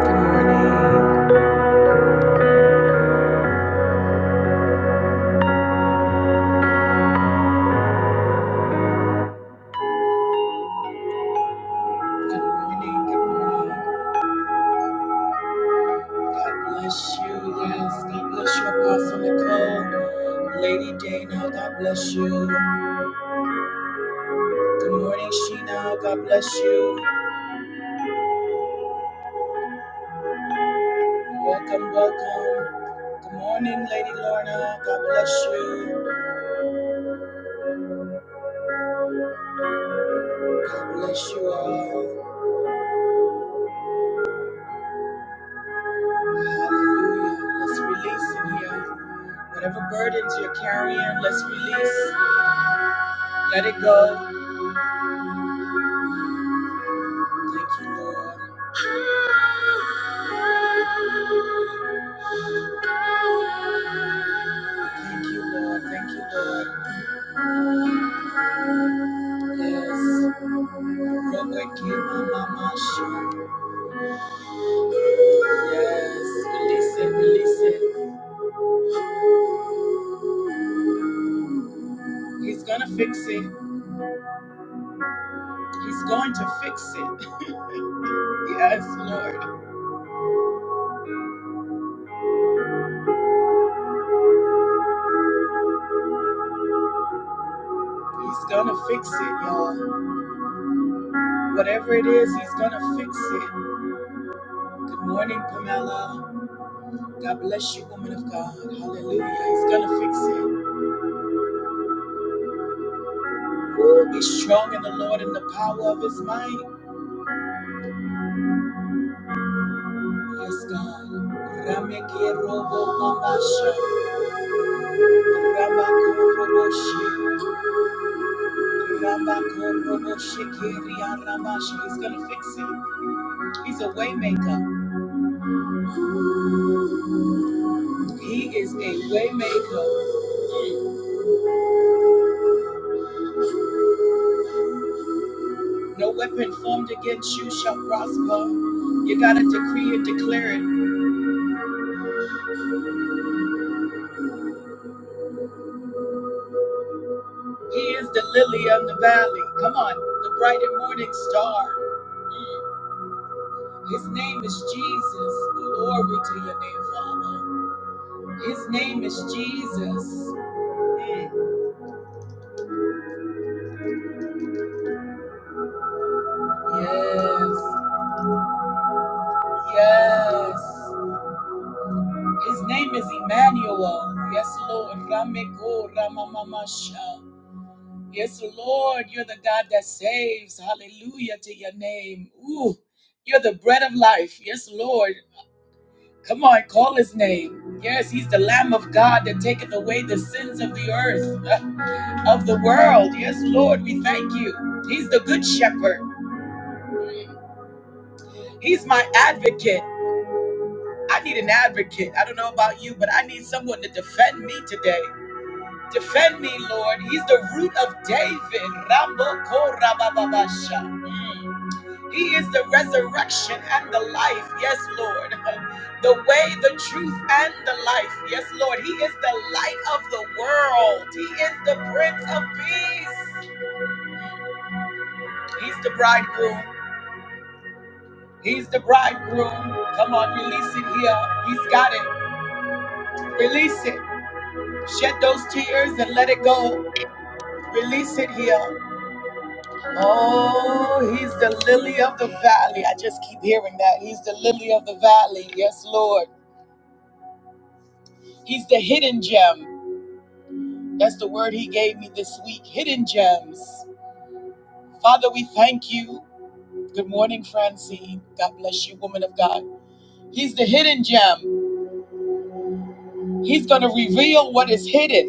Good morning. Good morning. Good morning. God bless you. Yes. God bless you, Apostle Nicole. Lady Dana, God bless you. Good morning, Sheena. God bless you. Welcome, welcome. Good morning, Lady Lorna. God bless you. God bless you all. Hallelujah. Let's release in here. Whatever burdens you're carrying, let's release. Let it go. Thank you, Lord. Thank you, Lord. Thank you, Lord. Yes. Thank you, Yes. Release it, release it. He's gonna fix it. He's going to fix it. Yes, Lord. He's gonna fix it, y'all. Whatever it is, he's gonna fix it. Good morning, Pamela. God bless you, woman of God. Hallelujah. He's gonna fix it. Ooh, be strong in the Lord and the power of his might. Yes, God. Rameke robo mamasha. Ramakoroboshi. He's gonna fix it. He's a waymaker. He is a waymaker. No weapon formed against you shall prosper. You gotta decree and declare it. He is the lily of the valley. Come on, the bright and morning star. Mm. His name is Jesus. Glory to your name, Father. His name is Jesus. Mm. Yes. Yes. His name is Emmanuel. Yes, Lord. Rameko Ramamamasha. Yes, Lord, you're the God that saves. Hallelujah to your name. Ooh, you're the bread of life. Yes, Lord. Come on, call his name. Yes, he's the Lamb of God that taketh away the sins of the earth, of the world. Yes, Lord, we thank you. He's the good shepherd. He's my advocate. I need an advocate. I don't know about you, but I need someone to defend me today. Defend me, Lord. He's the root of David. Rambo Korababasha. He is the resurrection and the life. Yes, Lord. The way, the truth, and the life. Yes, Lord. He is the light of the world. He is the Prince of Peace. He's the bridegroom. He's the bridegroom. Come on, release it here. He's got it. Release it. Shed those tears and let it go. Release it here. Oh, he's the lily of the valley. I just keep hearing that. He's the lily of the valley. Yes, Lord. He's the hidden gem. That's the word he gave me this week hidden gems. Father, we thank you. Good morning, Francine. God bless you, woman of God. He's the hidden gem. He's going to reveal what is hidden.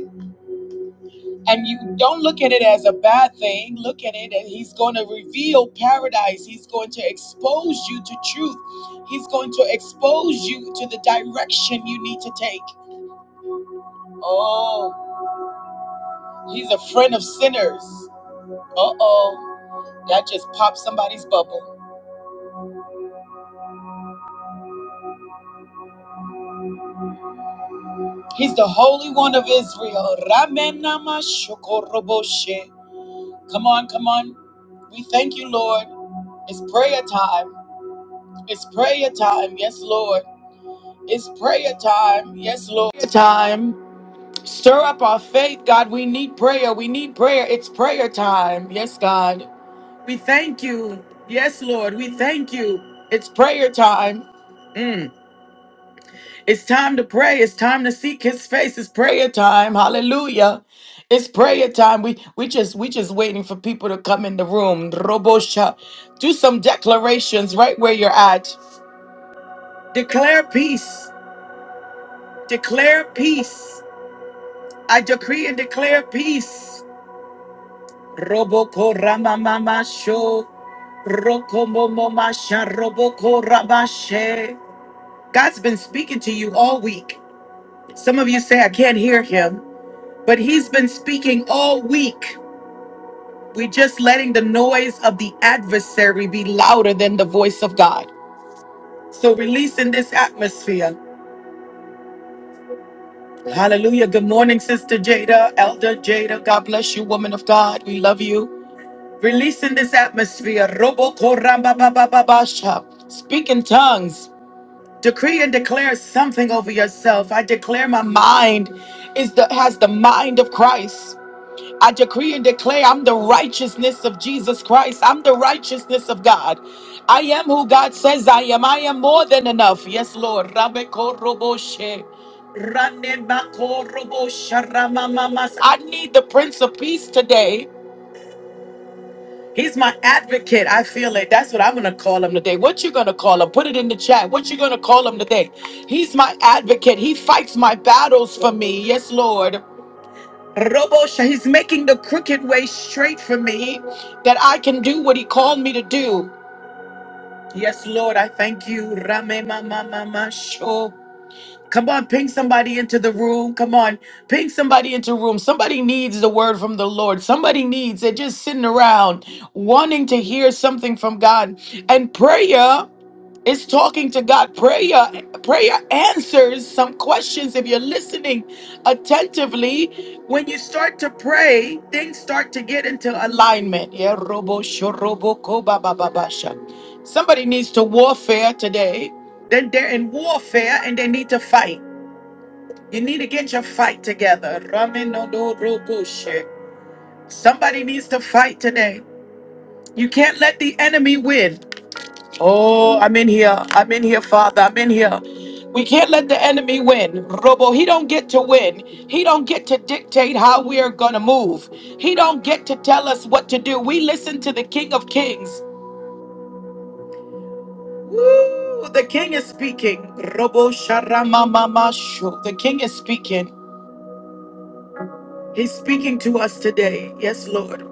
And you don't look at it as a bad thing. Look at it, and he's going to reveal paradise. He's going to expose you to truth. He's going to expose you to the direction you need to take. Oh, he's a friend of sinners. Uh oh, that just popped somebody's bubble. He's the Holy One of Israel. Ramenama shokoroboshe. Come on, come on. We thank you, Lord. It's prayer time. It's prayer time. Yes, Lord. It's prayer time. Yes, Lord. Prayer time. Stir up our faith, God. We need prayer. We need prayer. It's prayer time. Yes, God. We thank you. Yes, Lord. We thank you. It's prayer time. Mm. It's time to pray. It's time to seek his face. It's prayer time. Hallelujah. It's prayer time. We we just we just waiting for people to come in the room. Robosha. Do some declarations right where you're at. Declare peace. Declare peace. I decree and declare peace. Roboko Ramamama Sho. Rokomomomasha Roboko Ramashe. God's been speaking to you all week. Some of you say, I can't hear him, but he's been speaking all week. We're just letting the noise of the adversary be louder than the voice of God. So release in this atmosphere. Hallelujah. Good morning, Sister Jada, Elder Jada. God bless you, woman of God. We love you. Release in this atmosphere. Robo koramba ba ba ba ba sha. Speak in tongues. Decree and declare something over yourself. I declare my mind is the has the mind of Christ. I decree and declare I'm the righteousness of Jesus Christ. I'm the righteousness of God. I am who God says I am. I am more than enough. Yes, Lord. Rabbe korobo she. Rande bako robo sharama mamas. I need the Prince of Peace today. He's my advocate. I feel it. That's what I'm gonna call him today. What you gonna call him? Put it in the chat. What you gonna call him today? He's my advocate. He fights my battles for me. Yes, Lord. Robosha, he's making the crooked way straight for me that I can do what he called me to do. Yes, Lord, I thank you. Rame mama mama sho. Come on, ping somebody into the room. Come on, ping somebody into the room. Somebody needs the word from the Lord. Somebody needs they're just sitting around wanting to hear something from God. And prayer is talking to God. Prayer, prayer answers some questions. If you're listening attentively, when you start to pray, things start to get into alignment. Yeah, robo shorobo ko ba ba ba ba sha. Somebody needs to warfare today. Then they're in warfare and they need to fight. You need to get your fight together. Ramen no do rokushe. Somebody needs to fight today. You can't let the enemy win. Oh, I'm in here. I'm in here, Father. I'm in here. We can't let the enemy win. Robo, he don't get to win. He don't get to dictate how we are going to move. He don't get to tell us what to do. We listen to the King of Kings. Woo, the King is speaking. Robo sharama mamashu. The King is speaking. He's speaking to us today. Yes, Lord.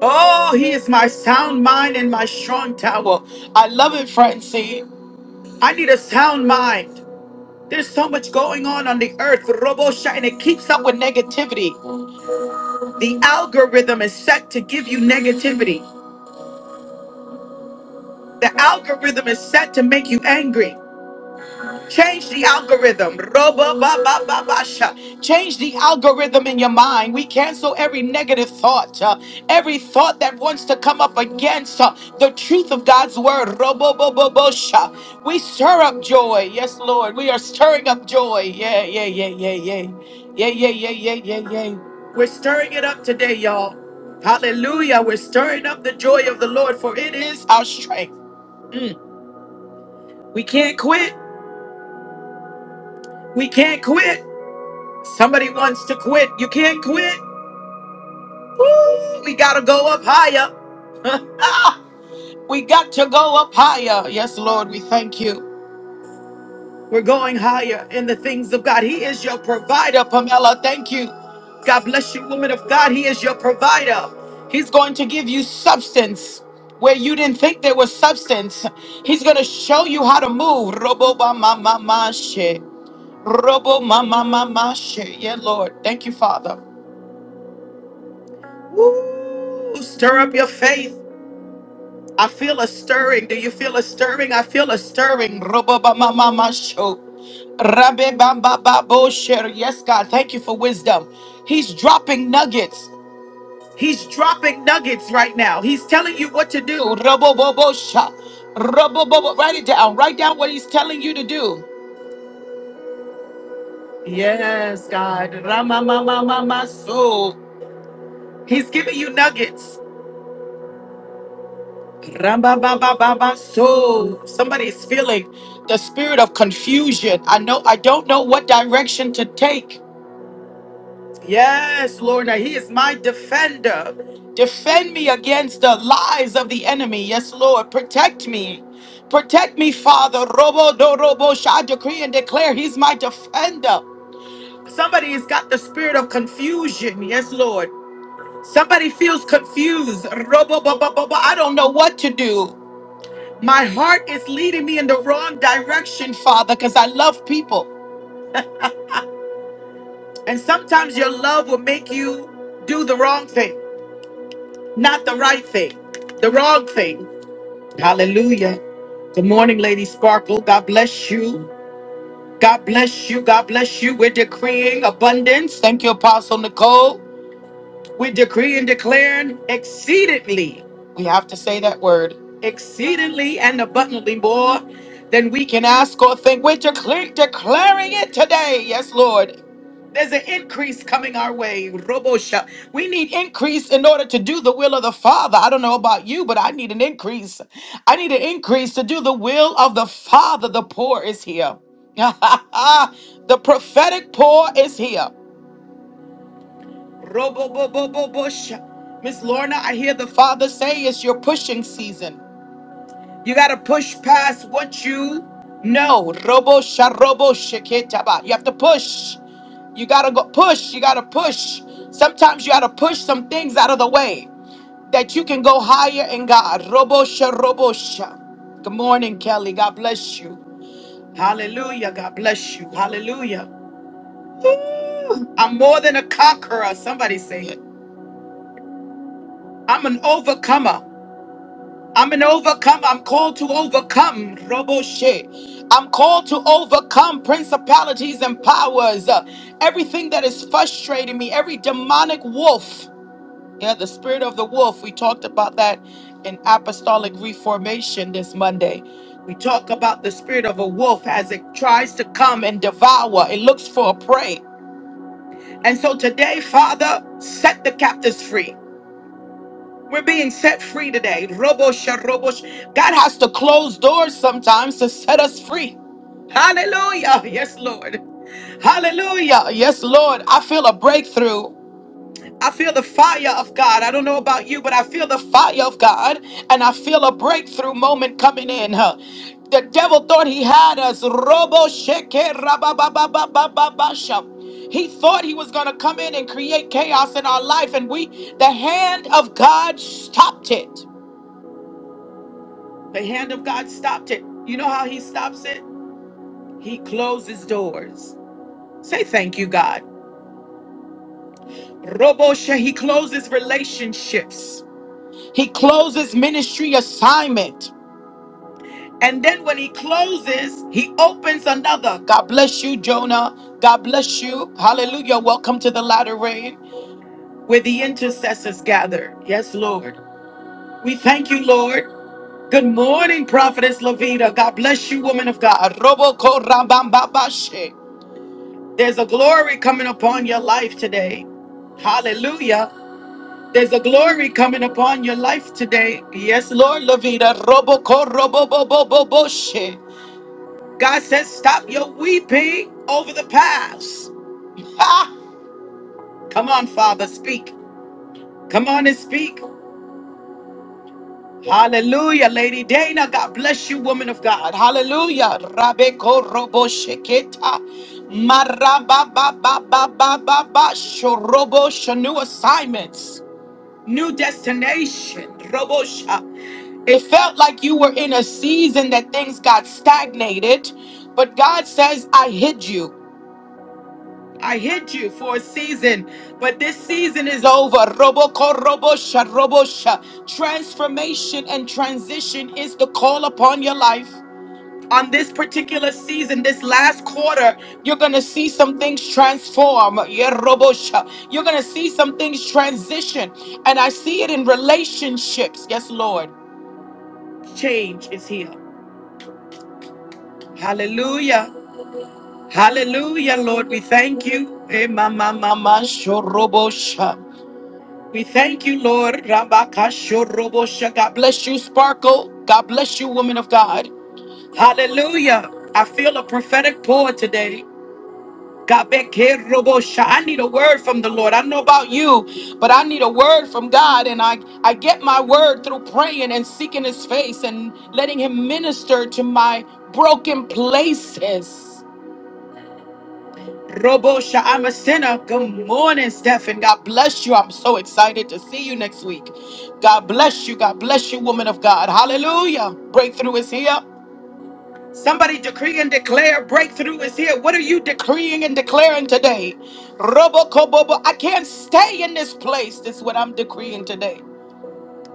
Oh, he is my sound mind and my strong tower. I love it, Francine. I need a sound mind. There's so much going on on the earth, Robosha, and it keeps up with negativity. The algorithm is set to give you negativity. The algorithm is set to make you angry. Change the algorithm. Robo ba ba ba ba sha Change the algorithm in your mind. We cancel every negative thought, uh, every thought that wants to come up against uh, the truth of God's word. Robo bo bo bo bo sha We stir up joy. Yes, Lord. We are stirring up joy. Yeah, yeah, yeah, yeah, yeah. Yeah, yeah, yeah, yeah, yeah, yeah. We're stirring it up today, y'all. Hallelujah. We're stirring up the joy of the Lord, for it is our strength. Mm. We can't quit. We can't quit. Somebody wants to quit. You can't quit. Woo! We gotta go up higher. we got to go up higher. Yes, Lord, we thank you. We're going higher in the things of God. He is your provider, Pamela. Thank you. God bless you, woman of God. He is your provider. He's going to give you substance where you didn't think there was substance. He's going to show you how to move. Robo ba ma ma ma she. Robo ma ma ma ma she. Yeah, Lord. Thank you, Father. Woo! Stir up your faith. I feel a stirring. Do you feel a stirring? I feel a stirring. ba ma ma ma show. Rabbe Bamba bo Sher. Yes, God, thank you for wisdom. He's dropping nuggets. He's dropping nuggets right now. He's telling you what to do. bo Robobobo sha. bo. Write it down. Write down what he's telling you to do. Yes, God. Rama ma ma So. He's giving you nuggets. Rambababababa-so. Somebody is feeling the spirit of confusion. I know I don't know what direction to take. Yes, Lord, that He is my defender. Defend me against the lies of the enemy. Yes, Lord, protect me. Protect me, Father. Robo do robo. shall I decree and declare He's my defender. Somebody has got the spirit of confusion. Yes, Lord. Somebody feels confused. Robo bo bo bo bo. I don't know what to do. My heart is leading me in the wrong direction, Father, because I love people. And sometimes your love will make you do the wrong thing, not the right thing, the wrong thing. Hallelujah. Good morning, Lady Sparkle. God bless you. God bless you. God bless you. We're decreeing abundance. Thank you, Apostle Nicole. We decree and declaring exceedingly, we have to say that word, exceedingly and abundantly more than we can ask or think. We're declare, declaring it today. Yes, Lord. There's an increase coming our way. Robosha. We need increase in order to do the will of the Father. I don't know about you, but I need an increase. I need an increase to do the will of the Father. The poor is here. the prophetic poor is here robo bo bo bo bo Miss Lorna, I hear the Father say it's your pushing season. You got to push past what you know. Robo sha robo sheketaba. You have to push. You got to go push. You got to push. Sometimes you got to push some things out of the way that you can go higher in God. Robo sha robo sha. Good morning, Kelly. God bless you. Hallelujah. God bless you. Hallelujah. Ooh, I'm more than a conqueror. Somebody say it. I'm an overcomer. I'm an overcomer. I'm called to overcome. roboshe I'm called to overcome principalities and powers. Uh, everything that is frustrating me, every demonic wolf. Yeah, the spirit of the wolf. We talked about that in apostolic reformation this Monday. We talk about the spirit of a wolf as it tries to come and devour. It looks for a prey. And so today, Father, set the captives free. We're being set free today. Robo sharobosh. God has to close doors sometimes to set us free. Hallelujah. Yes, Lord. Hallelujah. Yes, Lord. I feel a breakthrough. I feel the fire of God. I don't know about you, but I feel the fire of God and I feel a breakthrough moment coming in. huh? The devil thought he had us. Robo sheke rababababababasha. He thought he was going to come in and create chaos in our life and we the hand of God stopped it. The hand of God stopped it. You know how he stops it? He closes doors. Say thank you, God. Robo she- he closes relationships. He closes ministry assignment. And then when he closes, he opens another. God bless you, Jonah. God bless you. Hallelujah. Welcome to the latter rain where the intercessors gather. Yes, Lord. We thank you, Lord. Good morning, Prophetess Lavita. God bless you, woman of God. Roboko rabambabashe. There's a glory coming upon your life today. Hallelujah. There's a glory coming upon your life today. Yes, Lord, Lavita. Roboko, roboboboboboshe. God says, stop your weeping over the past. Ha! Come on, Father, speak. Come on and speak. Hallelujah, Lady Dana. God bless you, woman of God. Hallelujah. Rabeko robosheketa. Marabababababababa. Shorobo, Shanu assignments. new destination. Robosha. It felt like you were in a season that things got stagnated, but God says, I hid you. I hid you for a season, but this season is over. Roboko robosha robosha. Transformation and transition is the call upon your life on this particular season, this last quarter, you're gonna see some things transform. Yerobosha. You're gonna see some things transition. And I see it in relationships. Yes, Lord. Change is here. Hallelujah. Hallelujah, Lord. We thank you. Eh, ma, ma, ma, ma, shorobosha. We thank you, Lord. Rabaka shorobosha. God bless you, Sparkle. God bless you, woman of God. Hallelujah. I feel a prophetic pour today. I need a word from the Lord. I don't know about you, but I need a word from God. And I, I get my word through praying and seeking his face and letting him minister to my broken places. Robosha, I'm a sinner. Good morning, Stephen. God bless you. I'm so excited to see you next week. God bless you. God bless you, woman of God. Hallelujah. Breakthrough is here. Somebody decree and declare breakthrough is here. What are you decreeing and declaring today? Robokobobo, I can't stay in this place. This is what I'm decreeing today.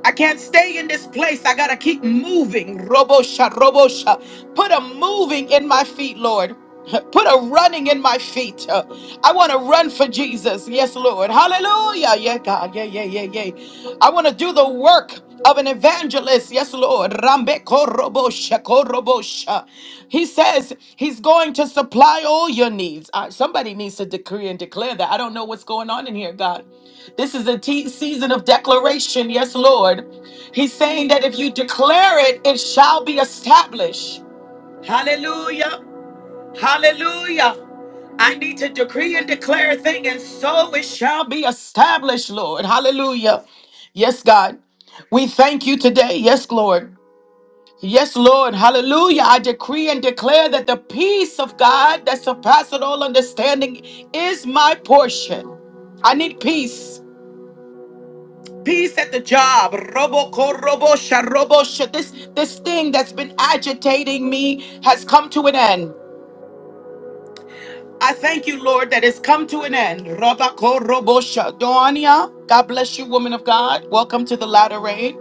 I can't stay in this place. I gotta keep moving. Robosha, robosha. Put a moving in my feet, Lord. Put a running in my feet. Uh, I want to run for Jesus. Yes, Lord. Hallelujah. Yeah, God. Yeah, yeah, yeah, yeah. I want to do the work of an evangelist. Yes, Lord. Rambe korobosha, korobosha. He says he's going to supply all your needs. Uh, somebody needs to decree and declare that. I don't know what's going on in here, God. This is a te- season of declaration. Yes, Lord. He's saying that if you declare it, it shall be established. Hallelujah. Hallelujah. I need to decree and declare a thing, and so it shall be established, Lord. Hallelujah. Yes, God. We thank you today. Yes, Lord. Yes, Lord. Hallelujah. I decree and declare that the peace of God that surpasses all understanding is my portion. I need peace. Peace at the job. Robo korobo korobosha robosha. This this thing that's been agitating me has come to an end. I thank you, Lord, that it's come to an end. Roba korobosha. Doania, God bless you, woman of God. Welcome to the latter rain.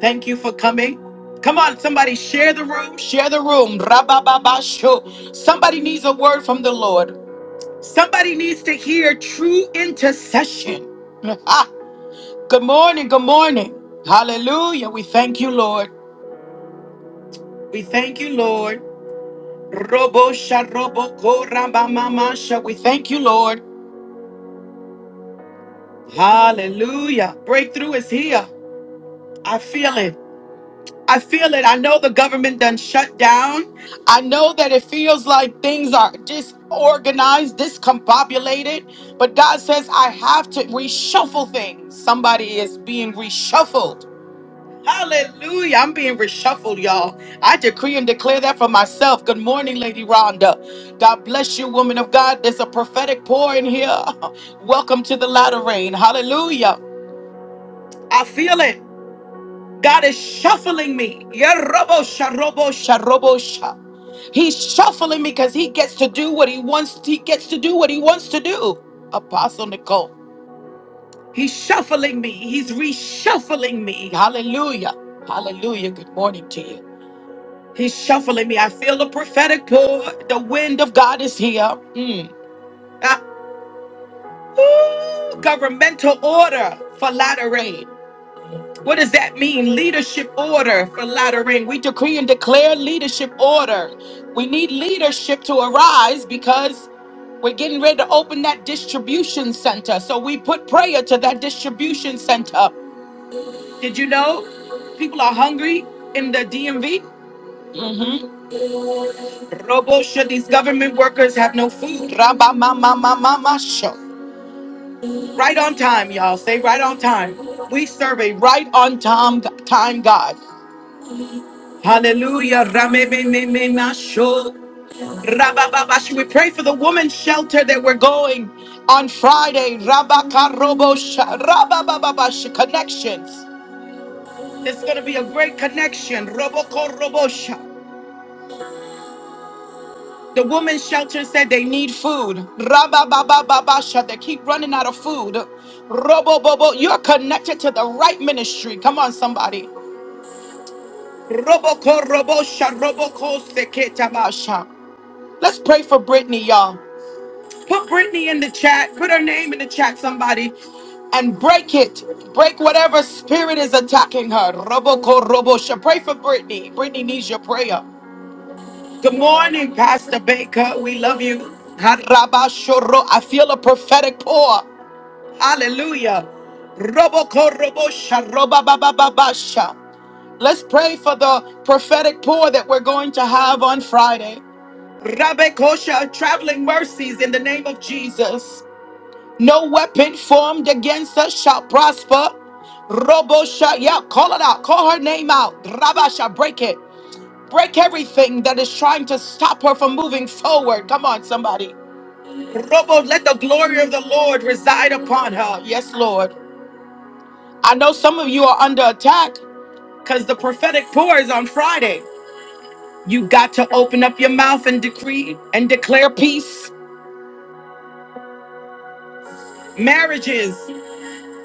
Thank you for coming. Come on, somebody share the room. Share the room. Rabababasho. Somebody needs a word from the Lord. Somebody needs to hear true intercession. Good morning, good morning. Hallelujah. We thank you, Lord. We thank you, Lord. Robo sha, sharobo koramba sha. We thank you, Lord. Hallelujah. Breakthrough is here. I feel it. I feel it. I know the government done shut down. I know that it feels like things are disorganized, discombobulated. But God says, I have to reshuffle things. Somebody is being reshuffled Hallelujah. I'm being reshuffled, y'all. I decree and declare that for myself. Good morning, Lady Rhonda. God bless you, woman of God. There's a prophetic pour in here. Welcome to the latter rain. Hallelujah. I feel it. God is shuffling me. Yerobo sharobo sharobo sha. He's shuffling me because he gets to do what he wants. He gets to do what he wants to do. Apostle Nicole. He's shuffling me. He's reshuffling me. Hallelujah. Hallelujah. Good morning to you. He's shuffling me. I feel the prophetic cord. The wind of God is here. Mm. Ah. Ooh, governmental order for latter rain. What does that mean? Leadership order for latter rain. We decree and declare leadership order. We need leadership to arise because we're getting ready to open that distribution center. So we put prayer to that distribution center. Did you know people are hungry in the DMV? Robosha, these government workers have no food. Rabba mama mama show. Right on time, y'all. Say right on time. We serve a right on time time God. Hallelujah. Rame me me me ma sho. Rabba baba should We pray for the woman's shelter that we're going on Friday. Rabba karobosha. Rabba baba sho. Connections. It's going to be a great connection. Roboko robosha. The women's shelter said they need food. Rabba They keep running out of food. Robo bobo, you're connected to the right ministry. Come on, somebody. Roboko, ko roboko sha Let's pray for Brittany, y'all. Put Brittany in the chat. Put her name in the chat, somebody. And break it. Break whatever spirit is attacking her. Roboko, ko Pray for Brittany. Brittany needs your prayer. Good morning, Pastor Baker. We love you. Harabashoro. I feel a prophetic pour. Hallelujah. Robokorobosha, robabababasha. Let's pray for the prophetic pour that we're going to have on Friday. Rabbe Kosha, traveling mercies in the name of Jesus. No weapon formed against us shall prosper. Robo yeah, call it out. Call her name out. Rabba break it. Break everything that is trying to stop her from moving forward. Come on, somebody. Robo, let the glory of the Lord reside upon her. Yes, Lord. I know some of you are under attack because the prophetic pour is on Friday. You got to open up your mouth and decree and declare peace. Marriages.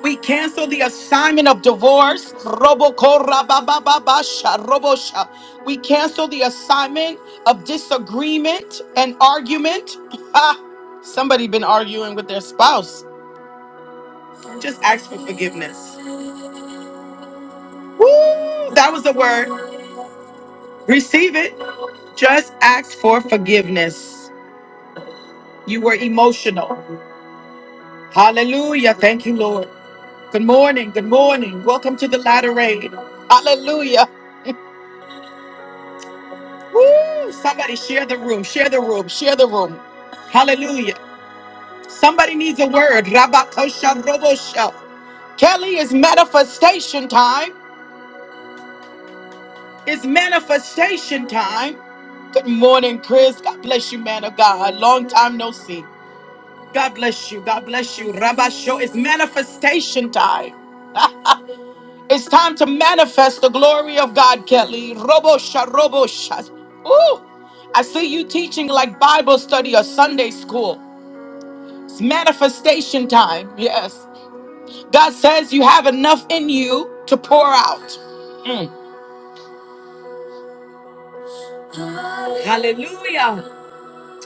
We cancel the assignment of divorce. Robokorabababasha, robosha. We cancel the assignment of disagreement and argument. Ah, somebody been arguing with their spouse. Just ask for forgiveness. Woo! That was the word. Receive it. Just ask for forgiveness. You were emotional. Hallelujah. Thank you, Lord. Good morning. Good morning. Welcome to the latter rain. Hallelujah. Woo! Somebody share the room, share the room, share the room. Hallelujah. Somebody needs a word. Rabakosha Robosha. Kelly, it's manifestation time. It's manifestation time. Good morning, Chris. God bless you, man of God. Long time no see. God bless you. God bless you. Rabasho. It's manifestation time. It's time to manifest the glory of God, Kelly. Robosha, Robosha. Ooh. I see you teaching like Bible study or Sunday school. It's manifestation time. Yes. God says you have enough in you to pour out. Hallelujah.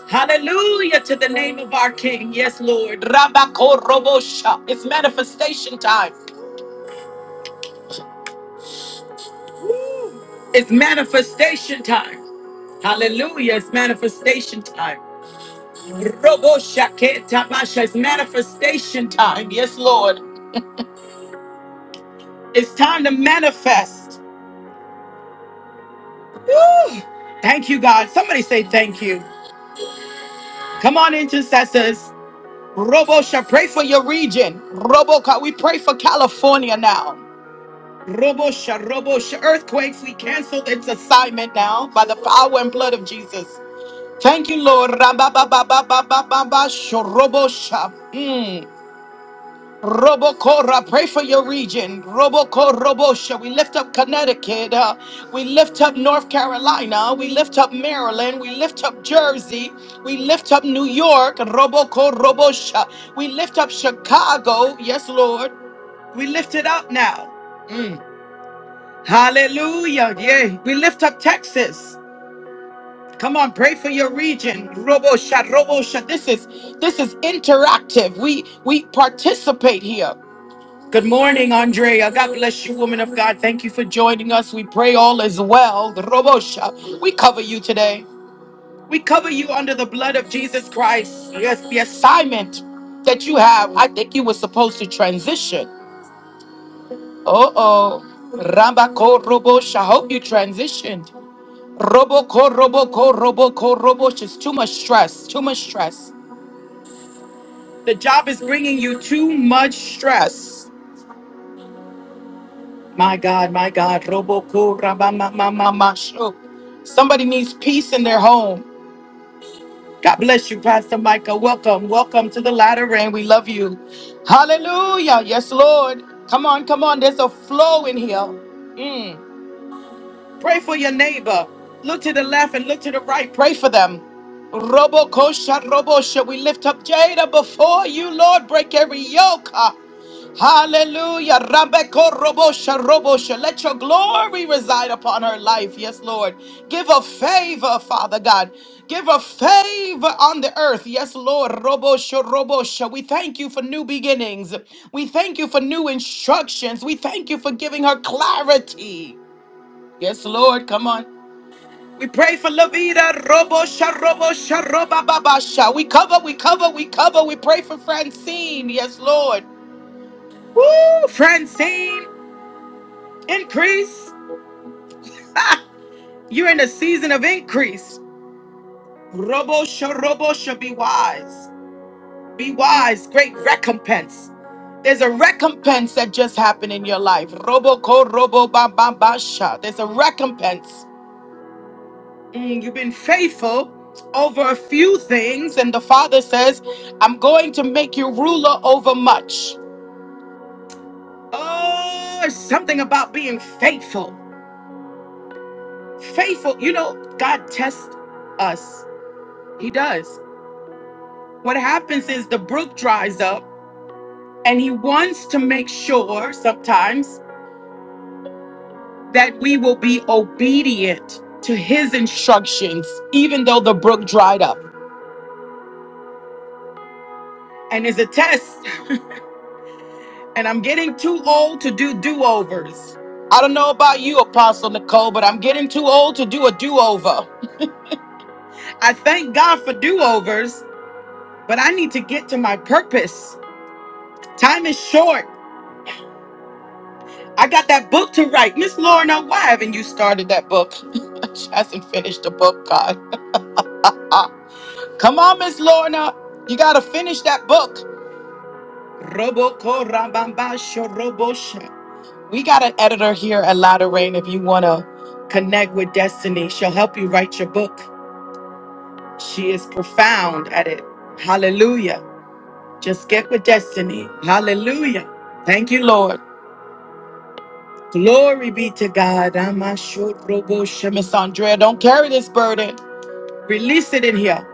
Hallelujah to the name of our King. Yes, Lord. Rabako Robosha. It's manifestation time. It's manifestation time. Hallelujah. It's manifestation time. Roboshaketabasha. It's manifestation time. Yes, Lord. It's time to manifest. Woo! Thank you, God. Somebody say thank you. Come on, intercessors. Robosha, pray for your region. Roboca, we pray for California now. Robosha, Robosha, earthquakes, we cancel its assignment now by the power and blood of Jesus. Thank you, Lord. Rababababababababa, Shorobosha. Robocora, pray for your region. Roboco, Robosha. We lift up Connecticut. uh, we lift up North Carolina. We lift up Maryland. We lift up Jersey. We lift up New York. Roboco, Robosha. We lift up Chicago. Yes, Lord. We lift it up now. Hallelujah. Yay. We lift up Texas. Come on, pray for your region. Robosha, Robosha. This is this is interactive. We we participate here. Good morning, Andrea. God bless you, woman of God. Thank you for joining us. We pray all is well. Robosha, we cover you today. We cover you under the blood of Jesus Christ. Yes, the assignment that you have. I think you were supposed to transition. Uh oh. Rabako Robosha. Hope you transitioned. Roboko Roboko Roboko Robosha. It's too much stress. Too much stress. The job is bringing you too much stress. My God, my God. Roboko rabamamamasho. Somebody needs peace in their home. God bless you, Pastor Micah. Welcome, welcome to the latter rain. We love you. Hallelujah. Yes, Lord. Come on, come on. There's a flow in here. Mm. Pray for your neighbor. Look to the left and look to the right. Pray for them. Robo kosha robo shall we lift up Jada before you, Lord? Break every yoke. Ah, Hallelujah. Rabeko robo sha robo sha. Let your glory reside upon her life. Yes, Lord. Give her favor, Father God. Give her favor on the earth. Yes, Lord. Robo sha robo sha. We thank you for new beginnings. We thank you for new instructions. We thank you for giving her clarity. Yes, Lord, come on. We pray for Lavita, Robo, Sharobo, Sharoba, Baba, Sha. We cover, we cover, we cover. We pray for Francine. Yes, Lord. Woo, Francine, increase. Ah, you're in a season of increase. Robo, Sharobo, Sha, be wise. Be wise. Great recompense. There's a recompense that just happened in your life. Robo, Ko, Robo, Baba, Basha. There's a recompense. Mm, You've been faithful over a few things, and the Father says, I'm going to make you ruler over much. Oh, it's something about being faithful. Faithful, you know, God tests us. He does. What happens is the brook dries up, and He wants to make sure sometimes that we will be obedient to His instructions, even though the brook dried up. And it's a test and I'm getting too old to do do overs. I don't know about you, Apostle Nicole, but I'm getting too old to do a do over. I thank God for do overs, but I need to get to my purpose. Time is short. I got that book to write. Miss Lorna, why haven't you started that book? she hasn't finished the book, God. Come on, Miss Lorna. You got to finish that book. Robo ko rabamba sho robo sha. We got an editor here at Lotta Rain. If you want to connect with Destiny, she'll help you write your book. She is profound at it. Hallelujah. Just get with Destiny. Hallelujah. Thank you, Lord. Glory be to God. Amashobrobo. Miss Andrea, don't carry this burden. Release it in here.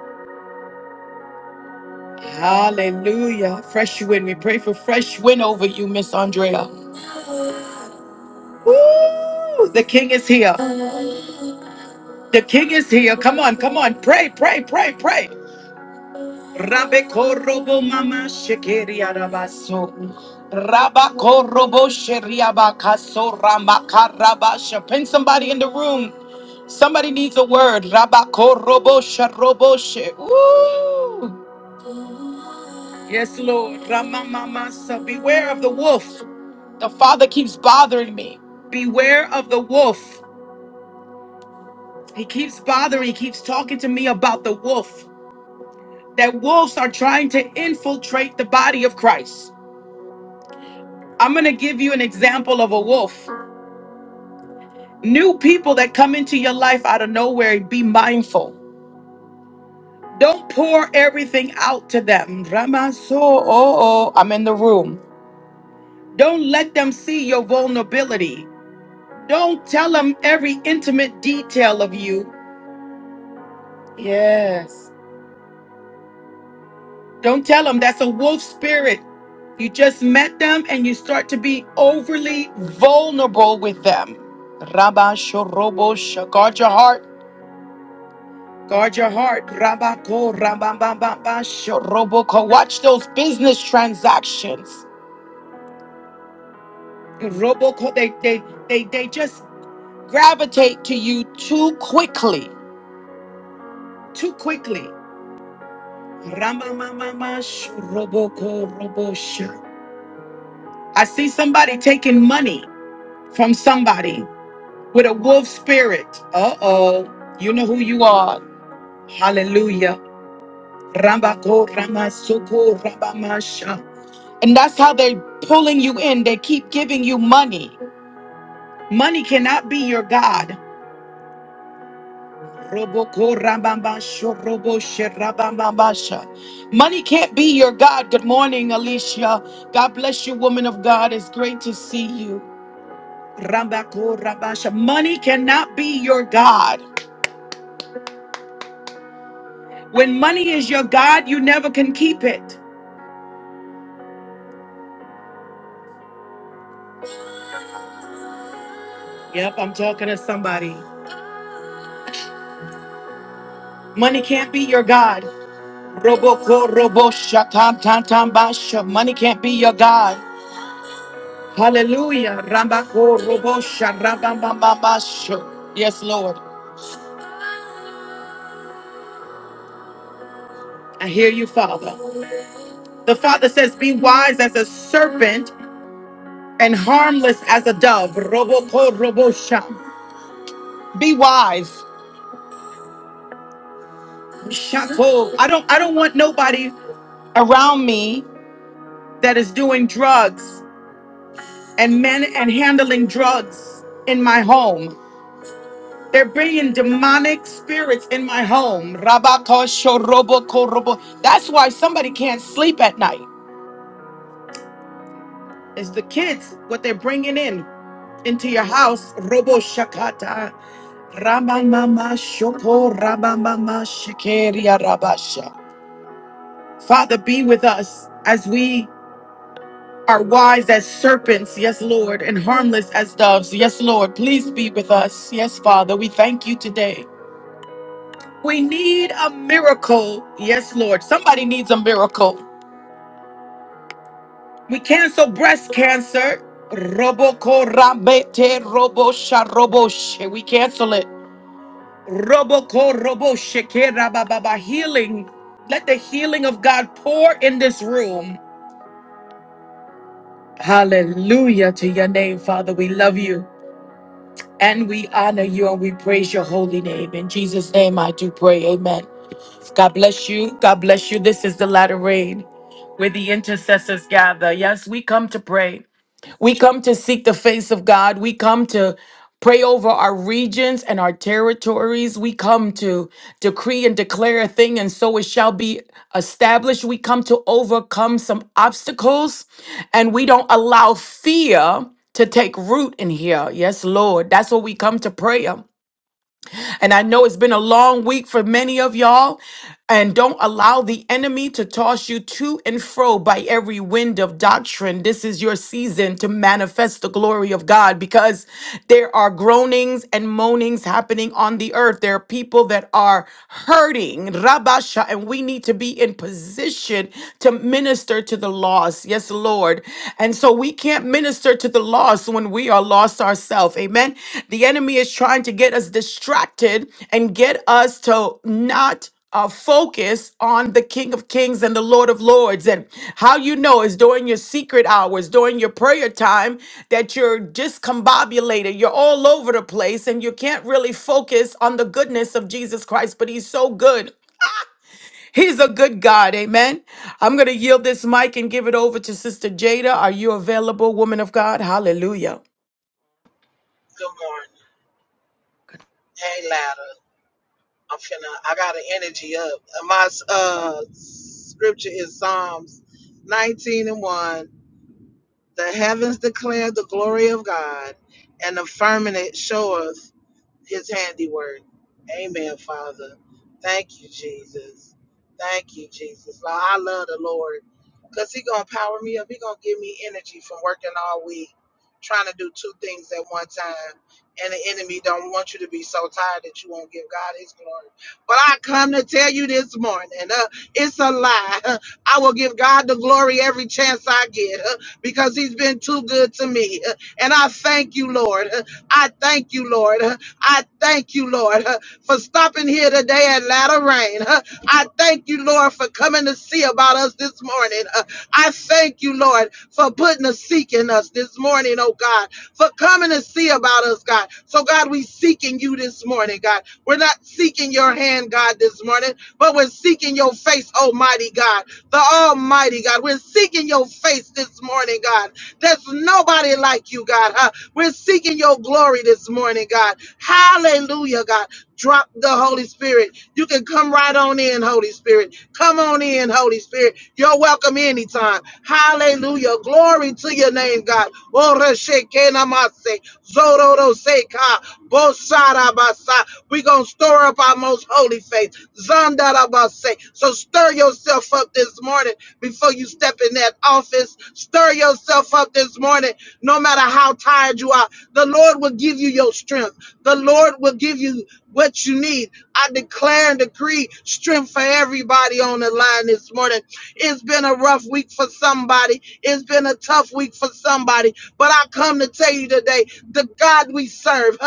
Hallelujah. Fresh wind. We pray for fresh wind over you, Miss Andrea. Woo! The king is here. The king is here. Come on, come on. Pray, pray, pray, pray. Rabekorobo mama shekeri arabaso. Rabakorobo sheriabakaso ramakarabasha. Pin somebody in the room. Somebody needs a word. Rabakorobo sharobo she. Ooh. Yes, Lord. Ramamamasa. Beware of the wolf. The father keeps bothering me. Beware of the wolf. He keeps bothering, he keeps talking to me about the wolf. That wolves are trying to infiltrate the body of Christ. I'm going to give you an example of a wolf. New people that come into your life out of nowhere, be mindful. Don't pour everything out to them. Ramaso, oh, oh, I'm in the room. Don't let them see your vulnerability. Don't tell them every intimate detail of you. Yes. Don't tell them that's a wolf spirit. You just met them and you start to be overly vulnerable with them. Rabba Shorobo, sh- guard your heart Guard your heart. Rabako, rabababa, shoroboko. Watch those business transactions. Roboko, they, they, they, they just gravitate to you too quickly. Too quickly. Ramamamama, shoroboko, robosha. I see somebody taking money from somebody with a wolf spirit. Uh oh. You know who you are. Hallelujah. Rabako, ramasoko, rabamasha. And that's how they are pulling you in. They keep giving you money. Money cannot be your God. Roboko rabambasho, robo sherabambambasha. Money can't be your God. Good morning, Alicia. God bless you, woman of God. It's great to see you. Rambako rabasha. Money cannot be your God. When money is your God, you never can keep it. Yep, I'm talking to somebody. Money can't be your God. Roboko robo shatam tam tam basha. Money can't be your God. Hallelujah. Rambako robo sharabam bam bam basha. Yes, Lord. I hear you, Father. The Father says, Be wise as a serpent and harmless as a dove. Roboko robo sham. Be wise. Shako. I don't I don't want nobody around me that is doing drugs and men and handling drugs in my home. They're bringing demonic spirits in my home. Rabakosho roboko robo. That's why somebody can't sleep at night. It's the kids, what they're bringing in into your house. Robo shakata. Ramamama shoko ramamama shekeria rabasha. Father, be with us as we are wise as serpents, yes, Lord, and harmless as doves, yes, Lord. Please be with us, yes, Father. We thank you today. We need a miracle. Yes, Lord. Somebody needs a miracle. We cancel breast cancer. Roboko rabete robosha roboshe. We cancel it. Roboko roboshe ke rabababa. Healing. Let the healing of God pour in this room. Hallelujah to your name, Father. We love you and we honor you and we praise your holy name. In Jesus' name I do pray. Amen. God bless you. God bless you. This is the latter rain where the intercessors gather. Yes, we come to pray. We come to seek the face of God. We come to pray over our regions and our territories. We come to decree and declare a thing, and so it shall be established. We come to overcome some obstacles, and we don't allow fear to take root in here. Yes, Lord. That's what we come to prayer. And I know it's been a long week for many of y'all. And don't allow the enemy to toss you to and fro by every wind of doctrine. This is your season to manifest the glory of God because there are groanings and moanings happening on the earth. There are people that are hurting, Rabasha, and we need to be in position to minister to the lost. Yes, Lord. And so so we can't minister to the lost when we are lost ourselves. Amen. The enemy is trying to get us distracted and get us to not uh, focus on the King of Kings and the Lord of Lords. And how you know is during your secret hours, during your prayer time, that you're discombobulated. You're all over the place and you can't really focus on the goodness of Jesus Christ, but He's so good. He's a good God. Amen. I'm going to yield this mic and give it over to Sister Jada. Are you available, woman of God? Hallelujah. Good morning. Hey, ladder. I'm finna. I got an energy up. My uh scripture is Psalms 19 and 1. The heavens declare the glory of God, and the firmament showeth his handiwork. Amen, Father. Thank you, Jesus. Thank you, Jesus. Lord, I love the Lord because He going to power me up. He going to give me energy from working all week, trying to do two things at one time. And the enemy don't want you to be so tired that you won't give God his glory. But I come to tell you this morning, uh, it's a lie. I will give God the glory every chance I get uh, because he's been too good to me. Uh, and I thank you, Lord. Uh, I thank you, Lord. uh, I thank you, Lord, uh, for stopping here today at Latter Rain. Uh, I thank you, Lord, for coming to see about us this morning. Uh, I thank you, Lord, for putting a seek in us this morning, oh God, for coming to see about us, God. So, God, we seeking you this morning, God. We're not seeking your hand, God, this morning, but we're seeking your face, Almighty God, the Almighty God. We're seeking your face this morning, God. There's nobody like you, God. huh? We're seeking your glory this morning, God. Hallelujah, God. Drop the Holy Spirit. You can come right on in, Holy Spirit. Come on in, Holy Spirit. You're welcome anytime. Hallelujah. Glory to your name, God name, God. Oreshekenamase, zororoseka, bosarabasa. we going to store up our most holy faith. Zandarabase. So stir yourself up this morning before you step in that office. Stir yourself up this morning, no matter how tired you are. The Lord will give you your strength. The Lord will give you what you need. I declare and decree strength for everybody on the line this morning. It's been a rough week for somebody. It's been a tough week for somebody. But I come to tell you today, the God we serve,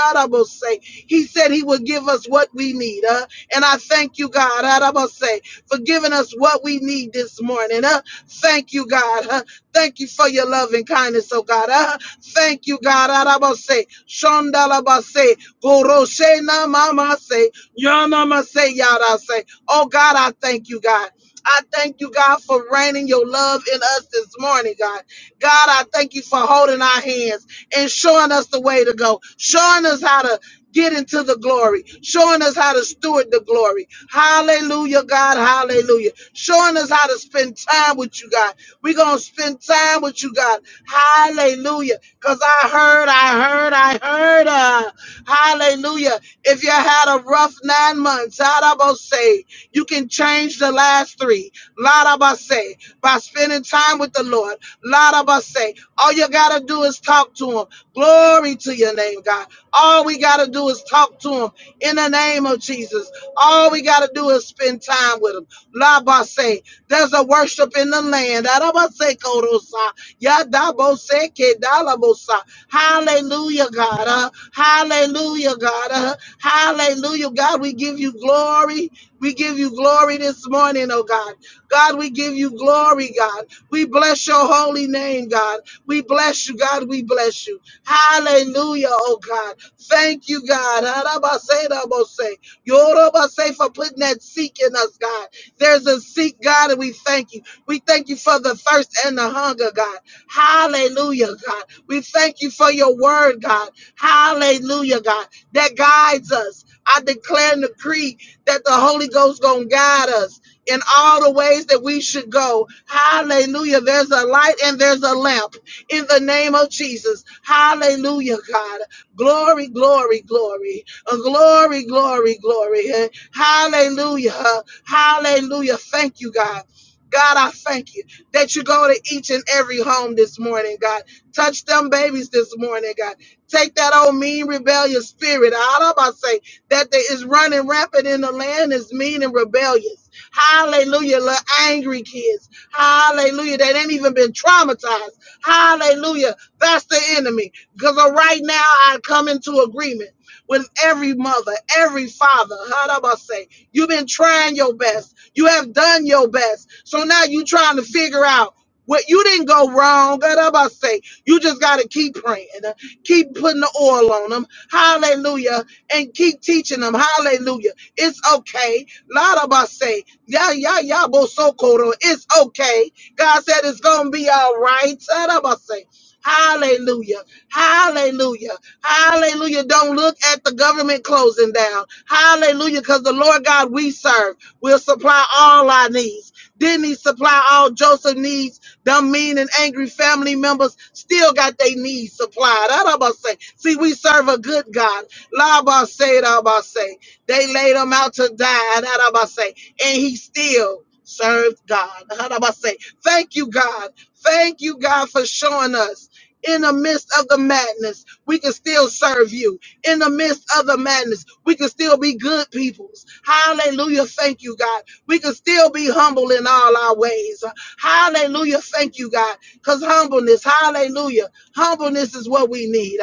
say, He said He will give us what we need. Uh, and I thank you, God, say, for giving us what we need this morning. Uh, thank you, God. Uh, thank you for your love and kindness, oh God. Uh, thank you, God. say, Shondalabase, Goroshe Namama say, Yanama say, Yada say. Oh God, I thank you, God. I thank you, God, for raining your love in us this morning, God. God, I thank you for holding our hands and showing us the way to go, showing us how to get into the glory, showing us how to steward the glory. Hallelujah, God, hallelujah. Showing us how to spend time with you, God. We're going to spend time with you, God. Hallelujah. Because I heard, I heard, I heard. Uh, hallelujah. If you had a rough nine months, how about say? You can change the last three. Larabase, by spending time with the Lord. Larabase, all you got to do is talk to Him. Glory to your name, God. All we got to do is talk to Him in the name of Jesus. All we got to do is spend time with Him. Labase, there's a worship in the land. Larabase, Korosa, Yadabose, Kedalabosa. Hallelujah, God. Uh, hallelujah, God. Uh, hallelujah, God. We give you glory. We give you glory this morning, oh God. God, we give you glory, God. We bless your holy name, God. We bless you, God. We bless you. Hallelujah, oh God. Thank you, God. Harabase, rabose. Yorobase for putting that seek in us, God. There's a seek, God, and we thank you. We thank you for the thirst and the hunger, God. Hallelujah, God. We thank you for your word, God. Hallelujah, God. That guides us. I declare and decree that the Holy Ghost gonna guide us in all the ways that we should go. Hallelujah. There's a light and there's a lamp in the name of Jesus. Hallelujah, God. Glory, glory, glory. Uh, glory, glory, glory. Uh, Hallelujah. Uh, Hallelujah. Thank you, God. God, I thank you that you go to each and every home this morning, God. Touch them babies this morning, God. Take that old mean rebellious spirit out of say that there is running rampant in the land is mean and rebellious. Hallelujah, little angry kids. Hallelujah, they ain't even been traumatized. Hallelujah, that's the enemy. Because right now I come into agreement with every mother, every father. How do I say? You've been trying your best. You have done your best. So now you trying to figure out what you didn't go wrong. God, i about say, you just got to keep praying. Keep putting the oil on them. Hallelujah. And keep teaching them. Hallelujah. It's okay. Lot of us say, yeah, yeah, yeah, bo so koro. It's okay. God said it's going to be all right. Lot of us say, Hallelujah. Hallelujah. Hallelujah. Don't look at the government closing down. Hallelujah. Because the Lord God we serve will supply all our needs. Didn't he supply all Joseph needs? Them mean and angry family members still got their needs supplied. That about say, see, we serve a good God. Laba say, that about say, they laid him out to die. That about say, and he still served God. That about say, thank you, God. Thank you, God, for showing us in the midst of the madness, we can still serve you in the midst of the madness. We can still be good peoples. Hallelujah. Thank you, God. We can still be humble in all our ways. Hallelujah. Thank you, God. Because humbleness, hallelujah. Humbleness is what we need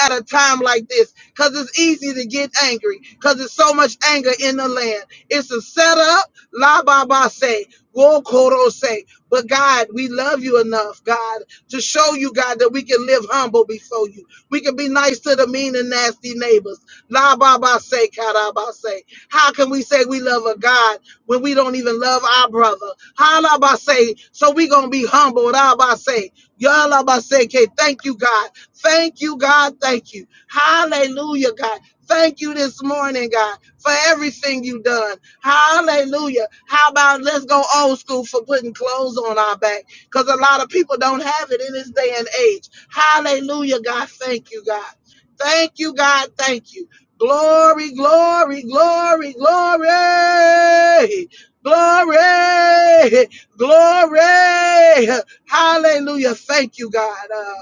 at a time like this because it's easy to get angry because there's so much anger in the land. It's a setup, la baba say, wo koro say. But God, we love you enough, God, to show you, God, that we can live humble before you. We can be nice to the mean and nasty neighbors. La baba say, kara ba say. How can we say we love a God when we don't even love our brother? How la ba say? So we gonna be humble, la ba say. Ya la ba say, okay, thank you, God Thank you, God. Thank you. Hallelujah, God. Thank you this morning, God, for everything you done. Hallelujah. How about let's go old school for putting clothes on our back? Because a lot of people don't have it in this day and age. Hallelujah, God. Thank you, God. Thank you, God. Thank you. Glory, glory, glory, glory. Glory, glory. Hallelujah. Thank you, God. Uh,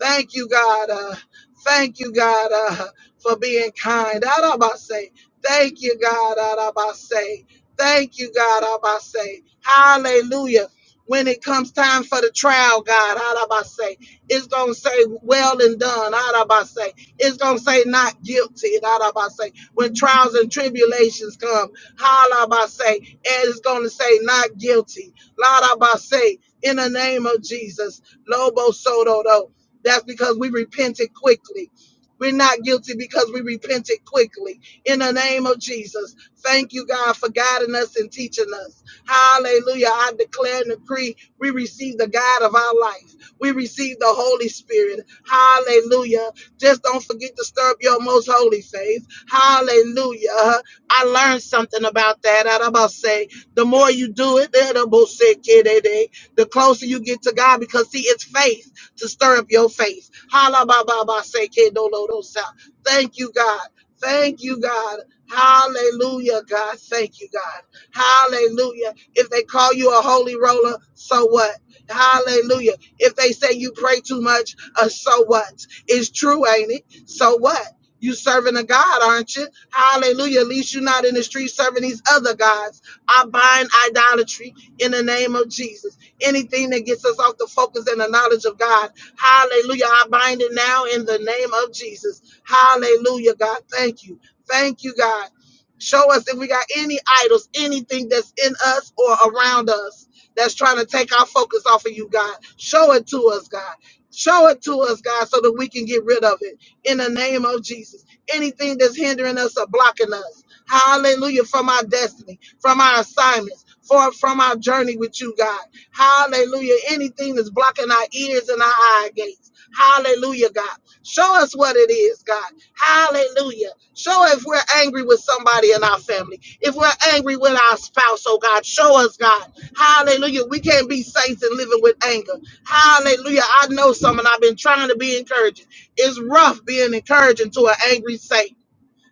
Thank you, God. Uh, thank you, God, uh, for being kind. Arabase. Thank you, God. Arabase. Thank you, God. Arabase. Hallelujah. When it comes time for the trial, God, Arabase, it's going to say, well and done, Arabase. It's going to say, not guilty, Arabase. When trials and tribulations come, Halabase, and it's going to say, not guilty, Larabase, in the name of Jesus, Lobo Soto that's because we repented quickly. We're not guilty because we repented quickly. In the name of Jesus, thank you, God, for guiding us and teaching us. Hallelujah. I declare and decree we receive the God of our life. We receive the Holy Spirit. Hallelujah. Just don't forget to stir up your most holy faith. Hallelujah. I learned something about that. I'm about to say, the more you do it, the more sick it is. the closer you get to God because, see, it's faith to stir up your faith. Hala ba ba ba se ke do lo do sa. Thank you, God. Thank you, God. Hallelujah, God. Thank you, God. Hallelujah. If they call you a holy roller, so what? Hallelujah. If they say you pray too much, uh, so what? It's true, ain't it? So what? You serving a God, aren't you? Hallelujah. At least you're not in the street serving these other gods. I bind idolatry in the name of Jesus. Anything that gets us off the focus and the knowledge of God. Hallelujah. I bind it now in the name of Jesus. Hallelujah, God. Thank you. Thank you, God. Show us if we got any idols, anything that's in us or around us that's trying to take our focus off of you, God. Show it to us, God. Show it to us, God, so that we can get rid of it in the name of Jesus. Anything that's hindering us or blocking us, hallelujah, from our destiny, from our assignments, for, from our journey with you, God. Hallelujah. Anything that's blocking our ears and our eye gates. Hallelujah, God. Show us what it is, God. Hallelujah. Show if we're angry with somebody in our family. If we're angry with our spouse, oh God, show us, God. Hallelujah. We can't be saints and living with anger. Hallelujah. I know some, and I've been trying to be encouraging. It's rough being encouraging to an angry saint.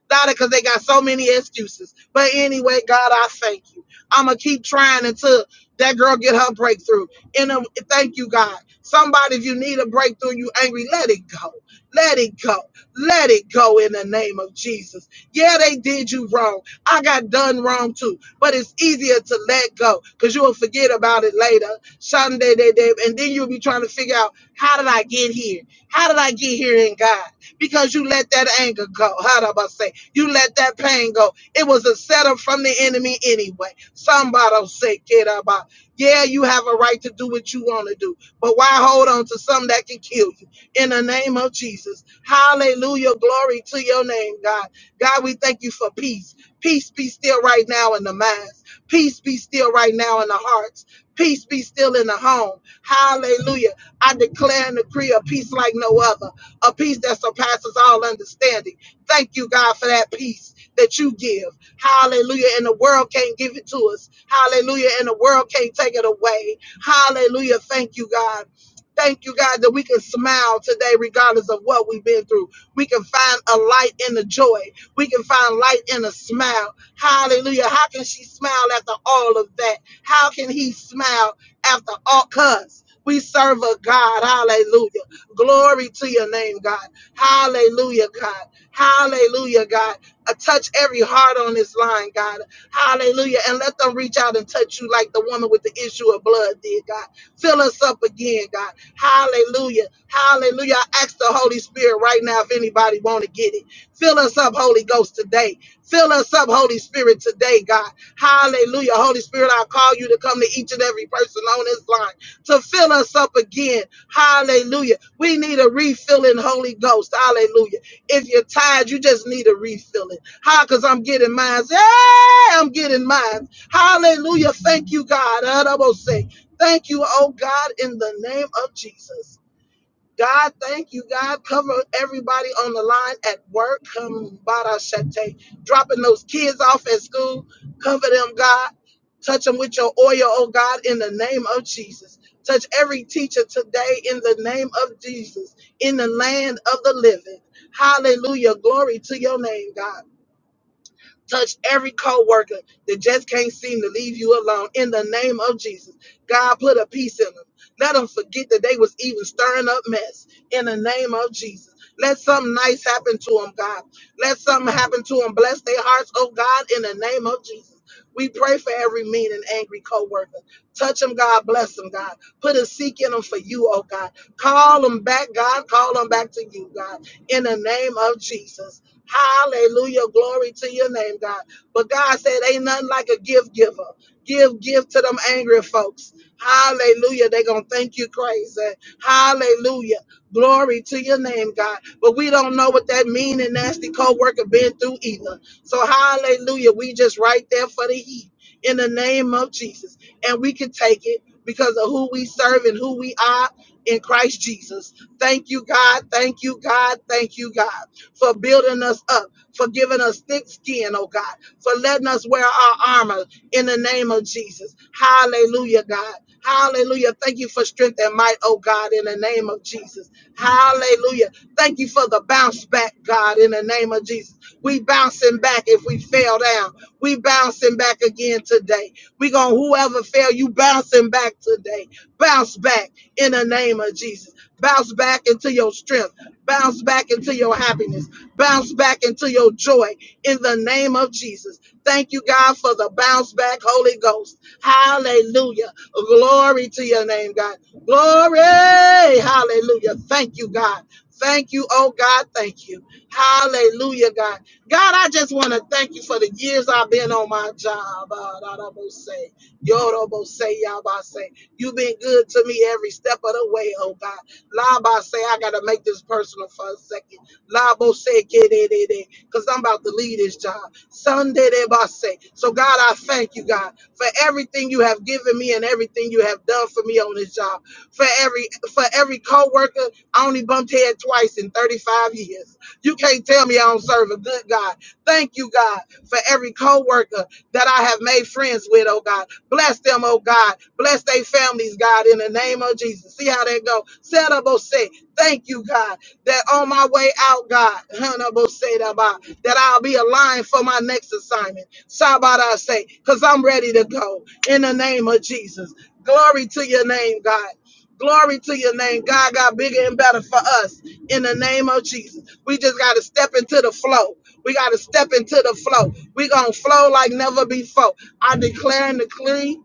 Not because they got so many excuses. But anyway, God, I thank you. I'm gonna keep trying until that girl get her breakthrough. And um, thank you, God. Somebody, if you need a breakthrough, you angry, let it go. Let it go. Let it go in the name of Jesus. Yeah, they did you wrong. I got done wrong too. But it's easier to let go because you will forget about it later. Sunday, day, day, and then you'll be trying to figure out how did I get here? How did I get here in God? because you let that anger go. How do I say? You let that pain go. It was a setup from the enemy anyway. Somebody say, kid about. Yeah, you have a right to do what you want to do, but why hold on to something that can kill you? In the name of Jesus. Hallelujah. Glory to your name, God. God, we thank you for peace. Peace be still right now in the minds. Peace be still right now in the hearts. Peace be still in the home. Hallelujah. I declare and decree a peace like no other a peace that surpasses all understanding. Thank you, God, for that peace that you give. Hallelujah. And the world can't give it to us. Hallelujah. And the world can't take it away. Hallelujah. Thank you, God. Thank you, God, that we can smile today, regardless of what we've been through. We can find a light in the joy. We can find light in a smile. Hallelujah. How can she smile after all of that? How can he smile after all? Because we serve a God. Hallelujah Glory to your name, God. Hallelujah, God. Hallelujah, God. Uh, touch every heart on this line, God. Hallelujah. And let them reach out and touch you like the woman with the issue of blood did, God. Fill us up again, God. Hallelujah. Hallelujah. I ask the Holy Spirit right now if anybody want to get it. Fill us up, Holy Ghost, today. Fill us up, Holy Spirit, today, God. Hallelujah. Holy Spirit, I call you to come to each and every person on this line to fill us up again. Hallelujah. We need a refilling Holy Ghost. Hallelujah. If you're tired, you just need a refilling. How? Because I'm getting mine. Hey, I'm getting mine. Hallelujah. Thank you, God. I almost say, thank you, oh God, in the name of Jesus. God, thank you, God. Cover everybody on the line at work. Come, Bada Shete. Dropping those kids off at school. Cover them, God. Touch them with your oil, oh God, in the name of Jesus. Touch every teacher today in the name of Jesus, in the land of the living. Hallelujah. Glory to your name, God. Touch every coworker that just can't seem to leave you alone in the name of Jesus. God, put a peace in them. Let them forget that they was even stirring up mess in the name of Jesus. Let something nice happen to them, God. Let something happen to them. Bless their hearts, oh God, in the name of Jesus. We pray for every mean and angry coworker. Touch them, God. Bless them, God. Put a seek in them for you, oh God. Call them back, God. Call them back to you, God. In the name of Jesus. Hallelujah. Glory to your name, God. But God said, ain't nothing like a gift giver. Give, gift to them angry folks. Hallelujah. they going to thank you crazy. Hallelujah. Glory to your name, God. But we don't know what that mean and nasty co-worker been through either. So hallelujah. We just right there for the heat in the name of Jesus. And we can take it because of who we serve and who we are in Christ Jesus. Thank you, God. Thank you, God. Thank you, God for building us up, for giving us thick skin, oh God, for letting us wear our armor in the name of Jesus. Hallelujah, God. Hallelujah. Thank you for strength and might, oh God, in the name of Jesus. Hallelujah. Thank you for the bounce back, God, in the name of Jesus. We bouncing back if we fell down. We bouncing back again today. We gonna whoever fell, you bouncing back today. Bounce back in the name of Jesus. Bounce back into your strength Bounce back into your happiness. Bounce back into your joy in the name of Jesus. Thank you, God, for the bounce back, Holy Ghost. Hallelujah. Glory to your name, God. Glory. Hallelujah. Thank you, God. Thank you, oh God. Thank you. Hallelujah, God. God, I just want to thank you for the years I've been on my job. Ah, da, da, bo, say. Yorobo say, Yaba say. You've been good to me every step of the way, oh God. Laba say, I gotta make this personal for a second. Labo say, because I'm about to leave this job. Sunday they about say. So God, I thank you, God, for everything you have given me and everything you have done for me on this job. For every for every co-worker, I only bumped head twice in 35 years. You can't tell me I don't serve a good God. Thank you, God, for every co-worker that I have made friends with, oh God. Bless them, oh God. Bless their families, God, in the name of Jesus. See how they go. Setable say, thank you, God, that on my way out, God, honorable say that that I'll be aligned for my next assignment. Sabada say, because I'm ready to go in the name of Jesus. Glory to your name, God. Glory to your name. God got bigger and better for us in the name of Jesus. We just got to step into the flow. We got to step into the flow. we going to flow like never before. I declare and decree.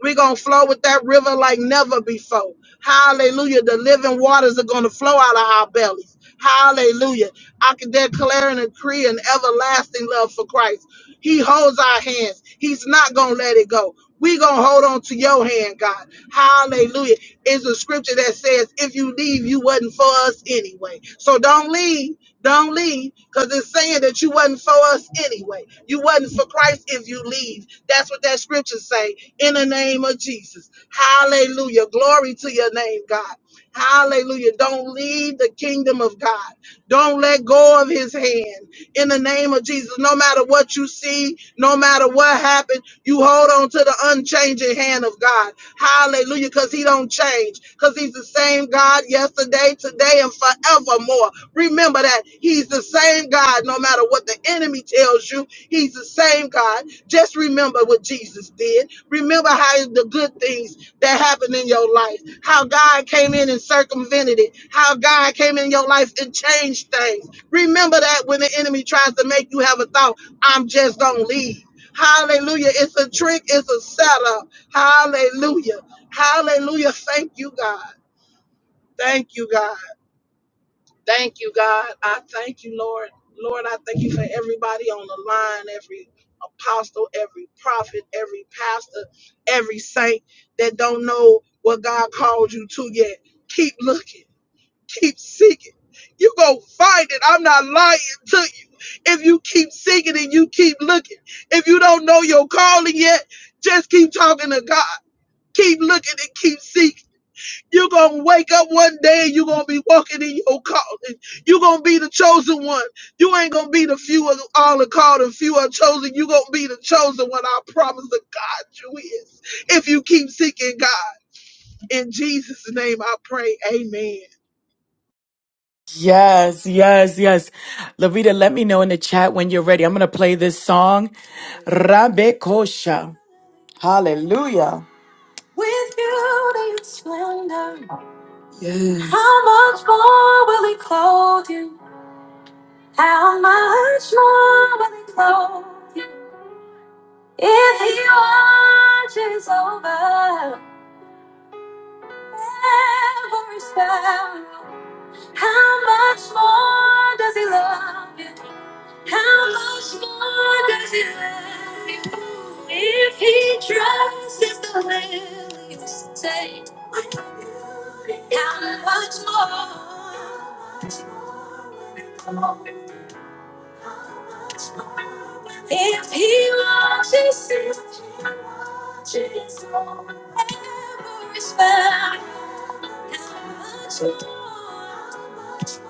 We're going to flow with that river like never before. Hallelujah. The living waters are going to flow out of our bellies. Hallelujah. I can declare and decree an everlasting love for Christ. He holds our hands. He's not going to let it go. We're going to hold on to your hand, God. Hallelujah. It's a scripture that says, if you leave, you wasn't for us anyway. So don't leave. Don't leave because it's saying that you wasn't for us anyway. You wasn't for Christ if you leave. That's what that scripture say in the name of Jesus. Hallelujah. Glory to your name, God. Hallelujah. Don't leave the kingdom of God. Don't let go of his hand. In the name of Jesus, no matter what you see, no matter what happened, you hold on to the unchanging hand of God. Hallelujah. Because he don't change. Because he's the same God yesterday, today, and forevermore. Remember that He He's the same God, no matter what the enemy tells you. He's the same God. Just remember what Jesus did. Remember how the good things that happened in your life, how God came in and circumvented it, how God came in your life and changed things. Remember that when the enemy tries to make you have a thought, I'm just going to leave. Hallelujah. It's a trick, it's a setup. Hallelujah. Hallelujah. Thank you, God. Thank you, God. Thank you, God. I thank you, Lord. Lord, I thank you for everybody on the line, every apostle, every prophet, every pastor, every saint that don't know what God called you to yet. Keep looking, keep seeking. You go find it. I'm not lying to you. If you keep seeking and you keep looking, if you don't know your calling yet, just keep talking to God. Keep looking and keep seeking. You're going to wake up one day and you're going to be walking in your calling. You're going to be the chosen one. You ain't going to be the few of all are called and few are chosen. You're going to be the chosen one. I promise to God you is. If you keep seeking God, in Jesus' name I pray. Amen. Yes, yes, yes. Lavita, let me know in the chat when you're ready. I'm going to play this song, Rabbe Kosha. Hallelujah. With beauty and splendor, yes. how much more will he clothe you? How much more will he clothe you? If he watches over. Every sparrow. How much more does he love you? How much more does he love you? If he dresses the lilies, say, how much more? If he watches, if he watches over every sparrow, how much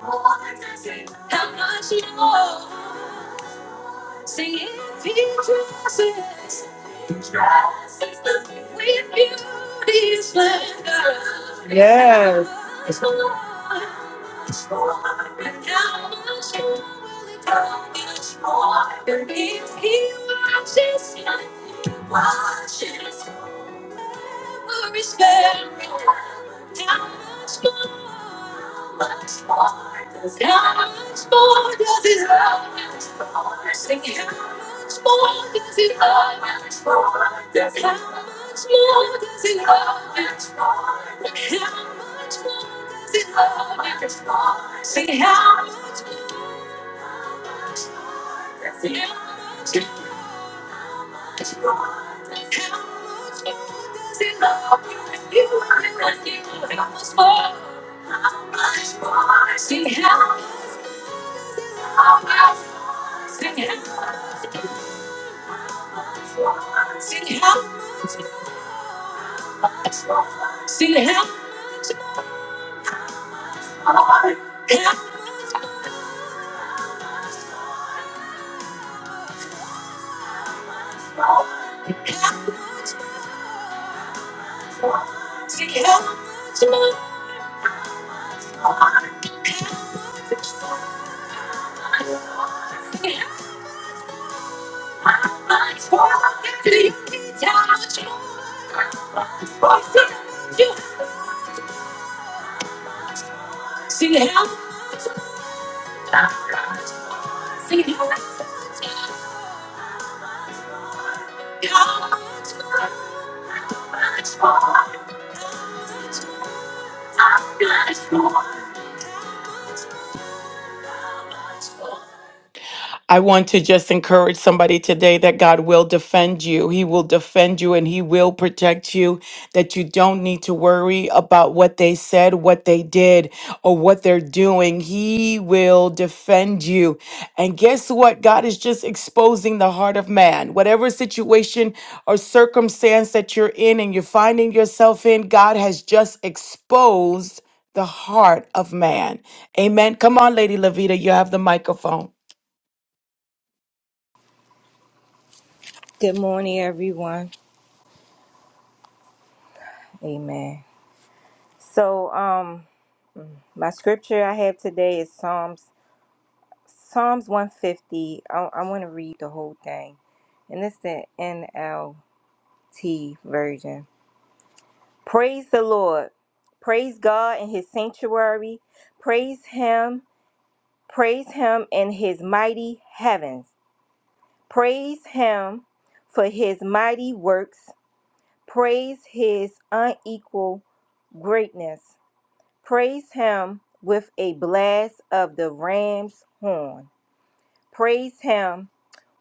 more, how much more, how much more? Singing Jesus with beauty and splendor. Yes. And how much more will it cost? And if he watches, watches. How much more? How much more? How much more? How much more? How much more? How much more? How much more? How much more? Sing it out. Sing it out. How much more? How much more? How much more? How much more? How much more? I want to just encourage somebody today that God will defend you. He will defend you and He will protect you, that you don't need to worry about what they said, what they did, or what they're doing. He will defend you. And guess what? God is just exposing the heart of man. Whatever situation or circumstance that you're in and you're finding yourself in, God has just exposed the heart of man. Amen. Come on, Lady Levita, you have the microphone. Good morning, everyone. Amen. So, um, my scripture I have today is Psalms Psalms one fifty. I, I want to read the whole thing, and it's the NLT version. Praise the Lord. Praise God in His sanctuary. Praise Him. Praise Him in His mighty heavens. Praise Him for His mighty works. Praise His unequal greatness. Praise him with a blast of the ram's horn. Praise him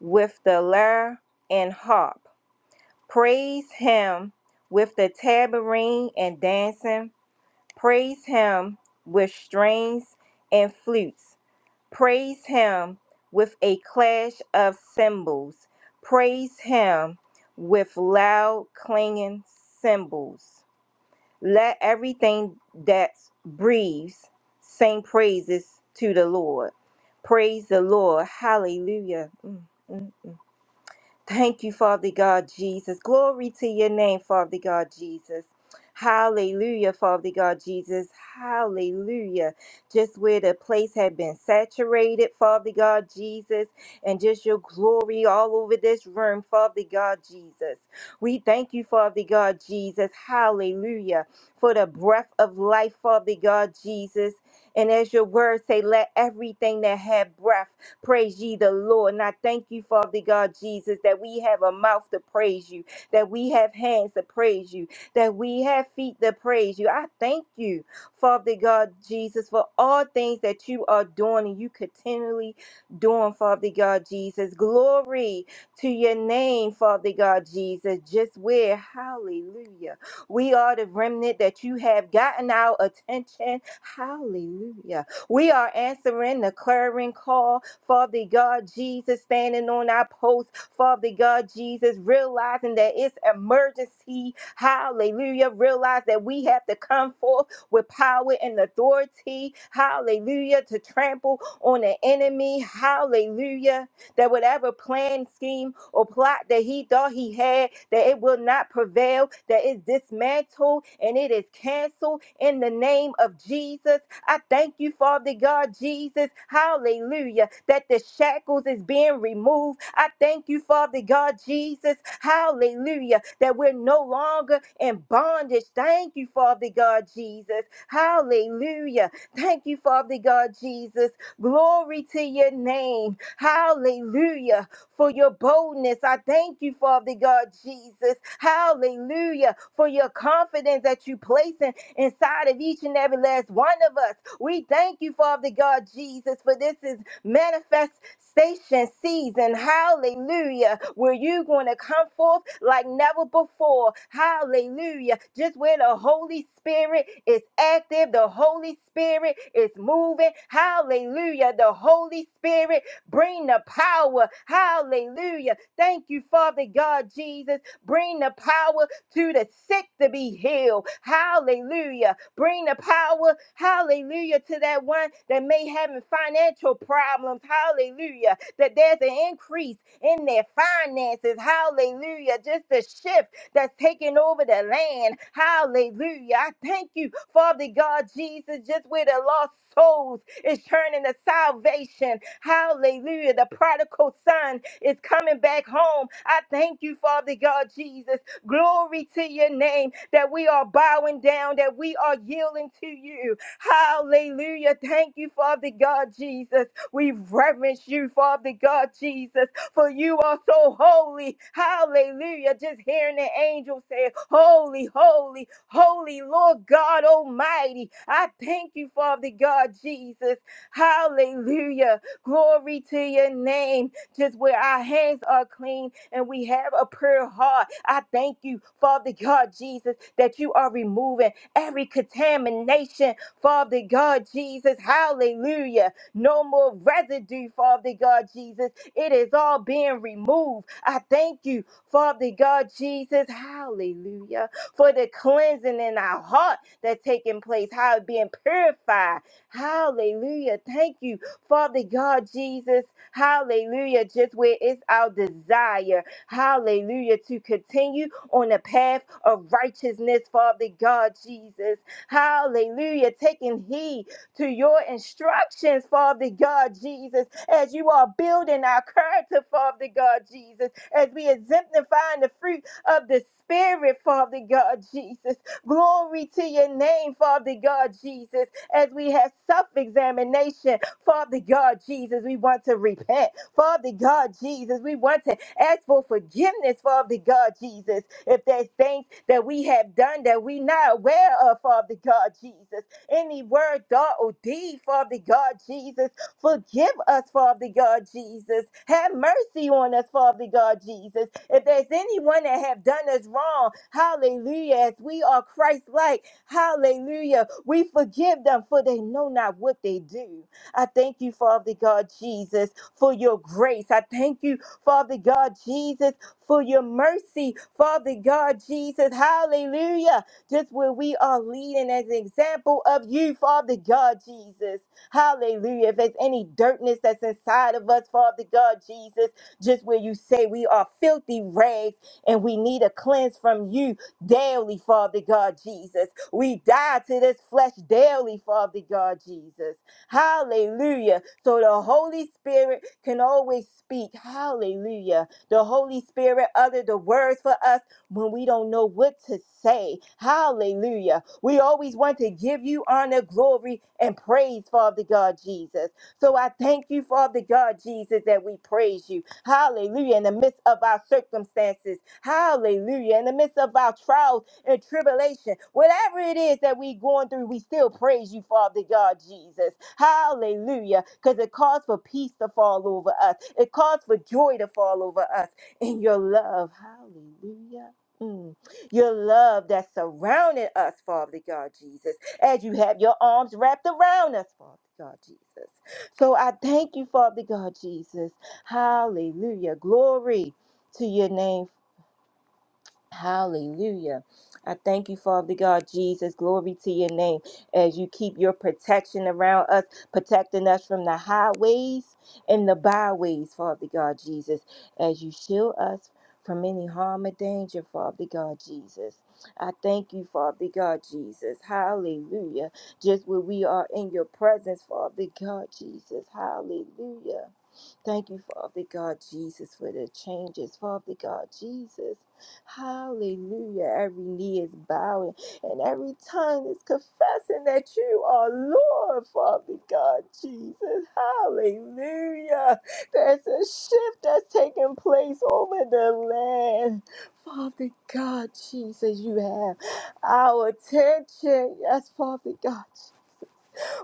with the lyre and harp. Praise him with the tambourine and dancing. Praise him with strings and flutes. Praise him with a clash of cymbals. Praise him with loud clanging cymbals. Let everything that breathes sing praises to the Lord. Praise the Lord. Hallelujah. Mm, mm, mm. Thank you, Father God Jesus. Glory to your name, Father God Jesus. Hallelujah, Father God Jesus. Hallelujah. Just where the place had been saturated, Father God Jesus, and just your glory all over this room, Father God Jesus. We thank you, Father God Jesus. Hallelujah. For the breath of life, Father God Jesus. And as your word say, let everything that had breath Praise ye the Lord. And I thank you, Father God Jesus, that we have a mouth to praise you, that we have hands to praise you, that we have feet to praise you. I thank you, Father God Jesus, for all things that you are doing and you continually doing, Father God Jesus. Glory to your name, Father God Jesus. Just where, hallelujah. We are the remnant that you have gotten our attention. Hallelujah. We are answering the clarion call, Father God Jesus, standing on our post, Father God Jesus, realizing that it's emergency. Hallelujah. Realize that we have to come forth with power and authority. Hallelujah. To trample on the enemy. Hallelujah. That whatever plan, scheme, or plot that he thought he had, that it will not prevail, that it's dismantled and it is canceled in the name of Jesus. I thank you, Father God, Jesus. Hallelujah. That the shackles is being removed. I thank you, Father God, Jesus. Hallelujah. That we're no longer in bondage. Thank you, Father God, Jesus. Hallelujah. Thank you, Father God, Jesus. Glory to your name. Hallelujah. For your boldness. I thank you, Father God, Jesus. Hallelujah. For your confidence that you place in inside of each and every last one of us. We thank you, Father God Jesus, for this is manifestation season. Hallelujah. Where you're going to come forth like never before. Hallelujah. Just where the Holy Spirit is active, the Holy Spirit is moving. Hallelujah. The Holy Spirit bring the power. Hallelujah. Thank you, Father God Jesus. Bring the power to the sick to be healed. Hallelujah. Bring the power, hallelujah, to that one that may have financial problems. Hallelujah. That there's an increase in their finances. Hallelujah. Just the shift that's taking over the land. Hallelujah. I thank you, Father God Jesus, just where the lost souls is turning to salvation. Hallelujah. The prodigal son is coming back home. I thank you, Father God Jesus. Glory to your name that we are bowing down, that we are yielding to you. Hallelujah. Thank you, Father God Jesus. We reverence you, Father God Jesus, for you are so holy. Hallelujah. Just hearing the angel say, Holy, holy, holy Lord God Almighty. I thank you, Father God Jesus. Hallelujah. Glory to your name just where our hands are clean and we have a pure heart. I thank you, Father God Jesus, that you are removing every contamination, Father God Jesus. Hallelujah. No more residue, Father God Jesus. It is all being removed. I thank you, Father God Jesus. Hallelujah. For the cleansing in our heart that's taking place, how it's being purified. Hallelujah. Thank you Father God, Jesus, hallelujah, just where it's our desire, hallelujah, to continue on the path of righteousness, Father God, Jesus, hallelujah, taking heed to your instructions, Father God, Jesus, as you are building our character, Father God, Jesus, as we exemplifying the fruit of the Spirit, Father God, Jesus. Glory to your name, Father God, Jesus as we have self examination. Father God, Jesus, we want to repent. Father God, Jesus, we want to ask for forgiveness, Father God, Jesus, if there's things that we have done that we not aware of, Father God, Jesus. Any word, thought, or deed, Father God, Jesus, Forgive us, Father God Jesus. Have mercy on us, Father God Jesus. If there's anyone that have done us wrong, hallelujah, as we are Christ-like, hallelujah, we forgive them for they know not what they do. I thank you, Father God Jesus, for your grace. I thank you, Father God Jesus, for your mercy, Father God Jesus, hallelujah. Just where we are leading as an example of you, Father God Jesus. Hallelujah. If there's any dirtness that's inside of us, Father God, Jesus, just where you say we are filthy rags and we need a cleanse from you daily, Father God, Jesus. We die to this flesh daily, Father God, Jesus. Hallelujah. So the Holy Spirit can always speak. Hallelujah. The Holy Spirit uttered the words for us when we don't know what to say. Hallelujah. We always want to give you honor, glory, and praise, Father God Jesus. So I thank you, Father God Jesus, that we praise you. Hallelujah. In the midst of our circumstances, hallelujah. In the midst of our trials and tribulation, whatever it is that we're going through, we still praise you, Father God Jesus. Hallelujah. Because it calls for peace to fall over us, it calls for joy to fall over us in your love. Hallelujah. Mm your love that surrounded us, Father God Jesus, as you have your arms wrapped around us, Father God Jesus. So I thank you, Father God Jesus. Hallelujah. Glory to your name, Hallelujah. I thank you, Father God, Jesus. Glory to your name as you keep your protection around us, protecting us from the highways and the byways, Father God, Jesus, as you shield us from any harm or danger, Father God, Jesus. I thank you, Father God, Jesus. Hallelujah. Just when we are in your presence, Father God, Jesus. Hallelujah. Thank you, Father God Jesus, for the changes, Father God Jesus. Hallelujah. Every knee is bowing and every tongue is confessing that you are Lord, Father God Jesus. Hallelujah. There's a shift that's taking place over the land. Father God Jesus, you have our attention. Yes, Father God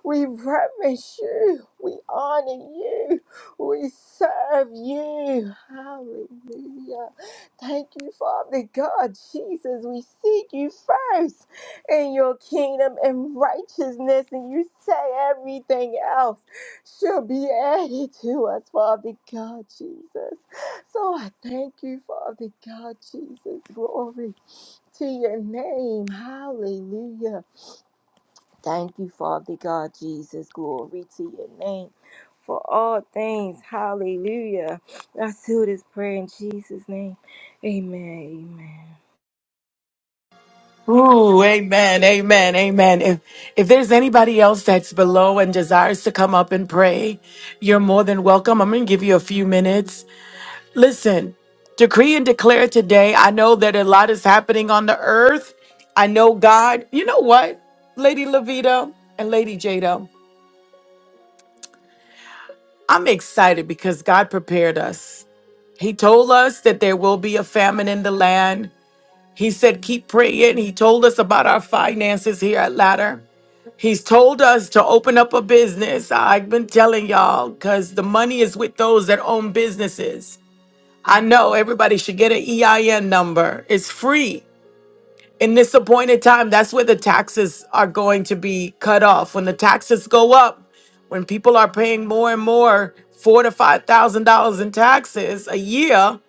we reverence you. We honor you. We serve you. Hallelujah. Thank you, Father God, Jesus. We seek you first in your kingdom and righteousness, and you say everything else shall be added to us, Father God, Jesus. So I thank you, Father God, Jesus. Glory to your name. Hallelujah. Thank you, Father God, Jesus. Glory to your name for all things. Hallelujah. I seal this prayer in Jesus' name. Amen. Amen. Ooh, amen, amen, amen. If if there's anybody else that's below and desires to come up and pray, you're more than welcome. I'm gonna give you a few minutes. Listen, decree and declare today. I know that a lot is happening on the earth. I know God. You know what, Lady Levita and Lady Jada? I'm excited because God prepared us. He told us that there will be a famine in the land. He said, keep praying. He told us about our finances here at Ladder. He's told us to open up a business. I've been telling y'all because the money is with those that own businesses. I know everybody should get an EIN number. It's free. In this appointed time, that's where the taxes are going to be cut off. When the taxes go up, when people are paying more and more, four to five thousand dollars in taxes a year,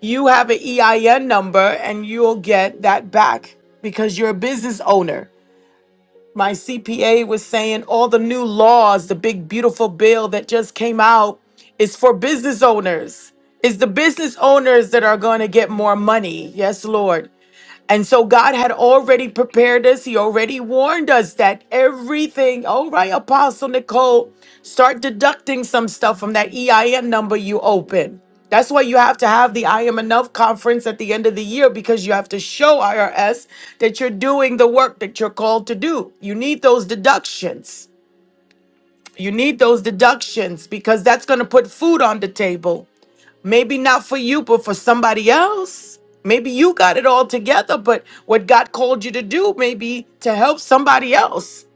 you have an EIN number and you'll get that back because you're a business owner my CPA was saying all the new laws, the big beautiful bill that just came out is for business owners. It's the business owners that are going to get more money. Yes, Lord. And so God had already prepared us. He already warned us that everything, all right, Apostle Nicole, start deducting some stuff from that EIN number you open. That's why you have to have the I Am Enough conference at the end of the year because you have to show IRS that you're doing the work that you're called to do. You need those deductions. You need those deductions because that's going to put food on the table. Maybe not for you, but for somebody else. Maybe you got it all together, but what God called you to do maybe to help somebody else.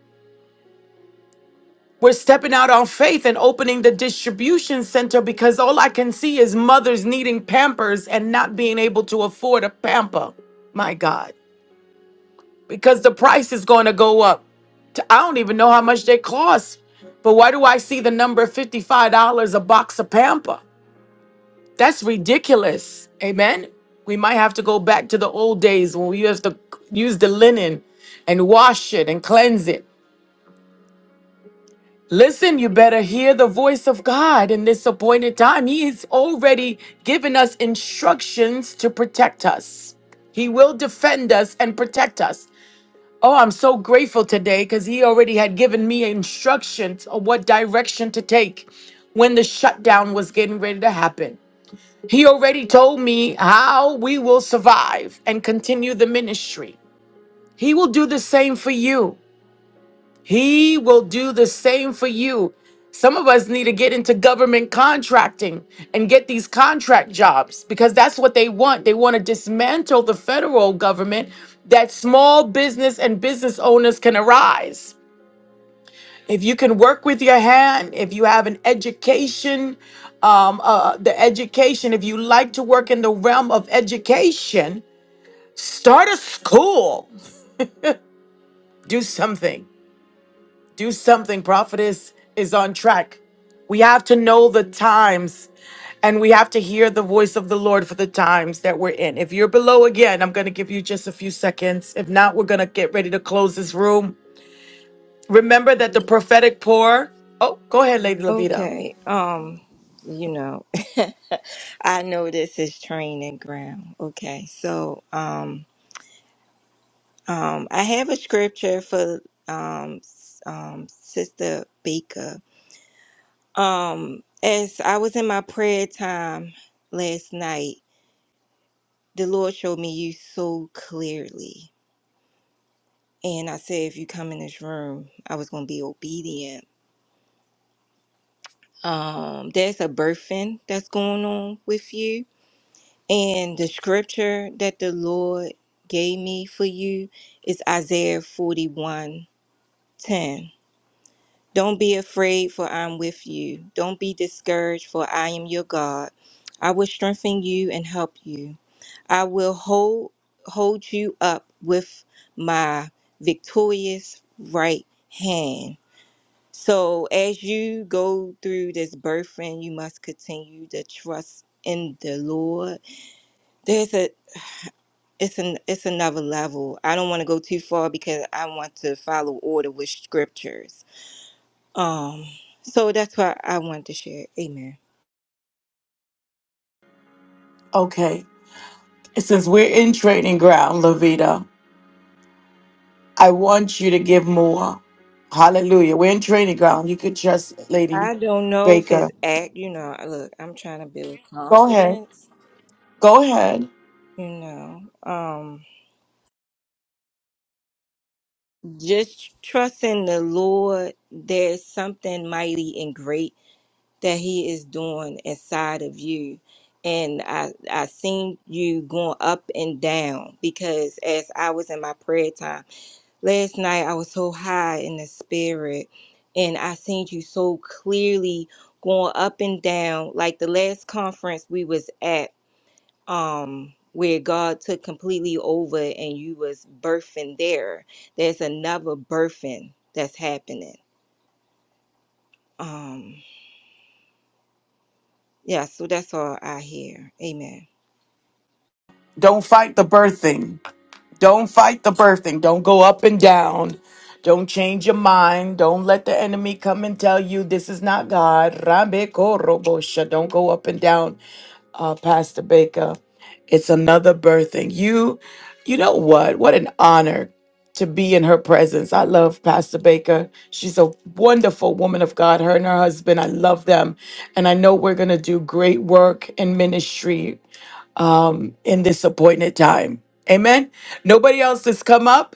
We're stepping out on faith and opening the distribution center because all I can see is mothers needing pampers and not being able to afford a pamper. My God, because the price is going to go up. I I don't even know how much they cost, but why do I see the number $55 a box of pamper? That's ridiculous. Amen. We might have to go back to the old days when we used to use the linen and wash it and cleanse it. Listen, you better hear the voice of God in this appointed time. He's already given us instructions to protect us. He will defend us and protect us. Oh, I'm so grateful today because he already had given me instructions of what direction to take when the shutdown was getting ready to happen. He already told me how we will survive and continue the ministry. He will do the same for you. He will do the same for you. Some of us need to get into government contracting and get these contract jobs because that's what they want. They want to dismantle the federal government that small business and business owners can arise if you can work with your hand, if you have an education, um, uh, uh, the education, if you like to work in the realm of education, start a school. Do something. Do something. Prophetess is on track. We have to know the times and we have to hear the voice of the Lord for the times that we're in. If you're below again, I'm going to give you just a few seconds. If not, we're going to get ready to close this room. Remember that the prophetic pour. Oh, go ahead, Lady Levita. Okay. Um, you know, I know this is training ground. Okay. So, um, um, I have a scripture for, um, s- um, Sister Baker. Um, as I was in my prayer time last night, the Lord showed me you so clearly. And I said, if you come in this room, I was going to be obedient. Um, there's a birthing that's going on with you. And the scripture that the Lord gave me for you is Isaiah forty-one ten. Don't be afraid, for I'm with you. Don't be discouraged, for I am your God. I will strengthen you and help you. I will hold hold you up with my victorious right hand. So as you go through this birthing, you must continue to trust in the Lord. There's a it's an it's another level. I don't want to go too far because I want to follow order with scriptures. Um so that's why I want to share. Amen. Okay. Since we're in training ground, Lavita, I want you to give more. Hallelujah. We're in training ground. You could trust Lady I don't know if Baker. it's act, you know, look, I'm trying to build Go ahead. confidence, Go ahead. you know. Um Just trust in the Lord. There's something mighty and great that He is doing inside of you. And I, I seen you going up and down because as I was in my prayer time last night, I was so high in the spirit and I seen you so clearly going up and down. Like the last conference we was at, um where God took completely over and you was birthing there. There's another birthing that's happening. Um yeah, so that's all I hear. Amen. Don't fight the birthing. Don't fight the birthing. Don't go up and down. Don't change your mind. Don't let the enemy come and tell you this is not God. Rambe korobosha. Don't go up and down uh, Pastor Baker. It's another birthing. You, you know what? What an honor to be in her presence. I love Pastor Baker. She's a wonderful woman of God. Her and her husband, I love them, and I know we're gonna do great work in ministry um, in this appointed time. Amen. Nobody else has come up.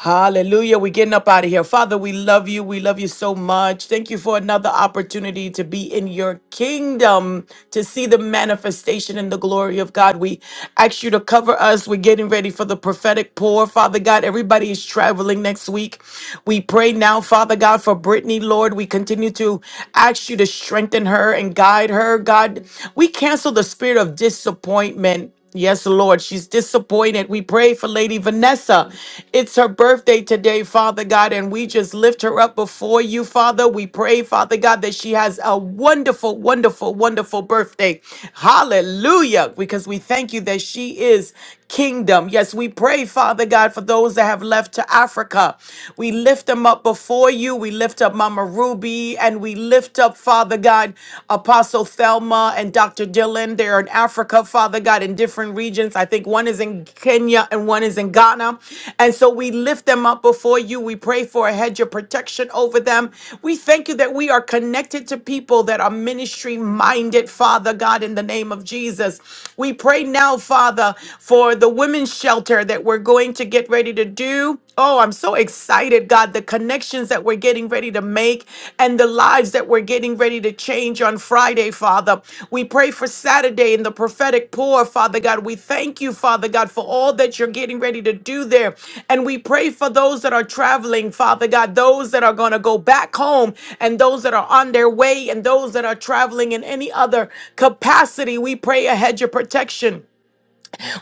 Hallelujah. We're getting up out of here. Father, we love you. We love you so much. Thank you for another opportunity to be in your kingdom, to see the manifestation and the glory of God. We ask you to cover us. We're getting ready for the prophetic pour. Father God, everybody is traveling next week. We pray now, Father God, for Brittany, Lord. We continue to ask you to strengthen her and guide her. God, we cancel the spirit of disappointment. Yes, Lord, she's disappointed. We pray for Lady Vanessa. It's her birthday today, Father God, and we just lift her up before you, Father. We pray, Father God, that she has a wonderful, wonderful, wonderful birthday. Hallelujah, because we thank you that she is kingdom. Yes, we pray, Father God, for those that have left to Africa. We lift them up before you. We lift up Mama Ruby and we lift up, Father God, Apostle Thelma and Dr. Dylan. They're in Africa, Father God, in different regions. I think one is in Kenya and one is in Ghana. And so we lift them up before you. We pray for a hedge of protection over them. We thank you that we are connected to people that are ministry minded, Father God, in the name of Jesus. We pray now, Father. Father, for the women's shelter that we're going to get ready to do. Oh, I'm so excited, God, the connections that we're getting ready to make and the lives that we're getting ready to change on Friday, Father. We pray for Saturday in the prophetic pour, Father God. We thank you, Father God, for all that you're getting ready to do there. And we pray for those that are traveling, Father God, those that are going to go back home and those that are on their way and those that are traveling in any other capacity. We pray a hedge of protection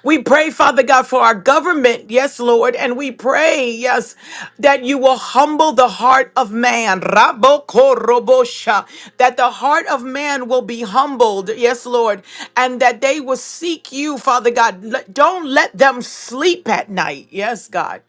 we pray, Father God, for our government. Yes, Lord. And we pray, yes, that you will humble the heart of man. Rabokorobosha. That the heart of man will be humbled. Yes, Lord. And that they will seek you, Father God. Let- Don't let them sleep at night. Yes, God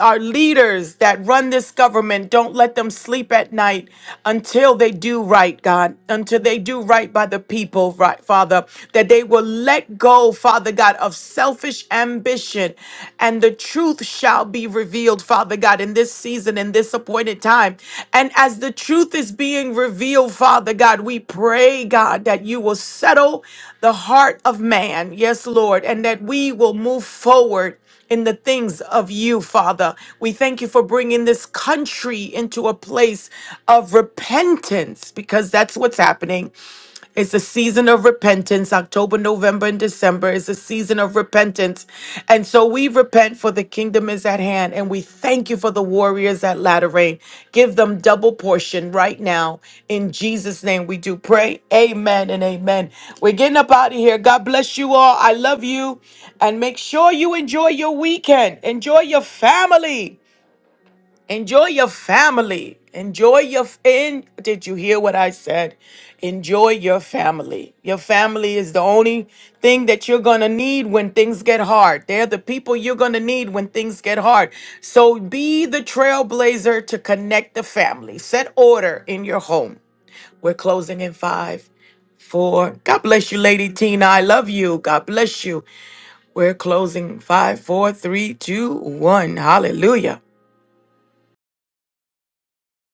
our leaders that run this government, don't let them sleep at night until they do right, God, until they do right by the people, right, Father, that they will let go, Father God, of selfish ambition and the truth shall be revealed, Father God, in this season, in this appointed time. And as the truth is being revealed, Father God, we pray, God, that you will settle the heart of man, yes, Lord, and that we will move forward in the things of you, Father. We thank you for bringing this country into a place of repentance because that's what's happening. It's a season of repentance. October, November, and December is a season of repentance. And so we repent for the kingdom is at hand. And we thank you for the warriors at Latter Rain. Give them double portion right now. In Jesus' name we do pray. Amen and amen. We're getting up out of here. God bless you all. I love you. And make sure you enjoy your weekend. Enjoy your family. Enjoy your family. Enjoy your f- and did you hear what I said? Enjoy your family. Your family is the only thing that you're going to need when things get hard. They're the people you're going to need when things get hard. So be the trailblazer to connect the family. Set order in your home. We're closing in five, four. God bless you, Lady Tina. I love you. God bless you. We're closing five, four, three, two, one. Hallelujah.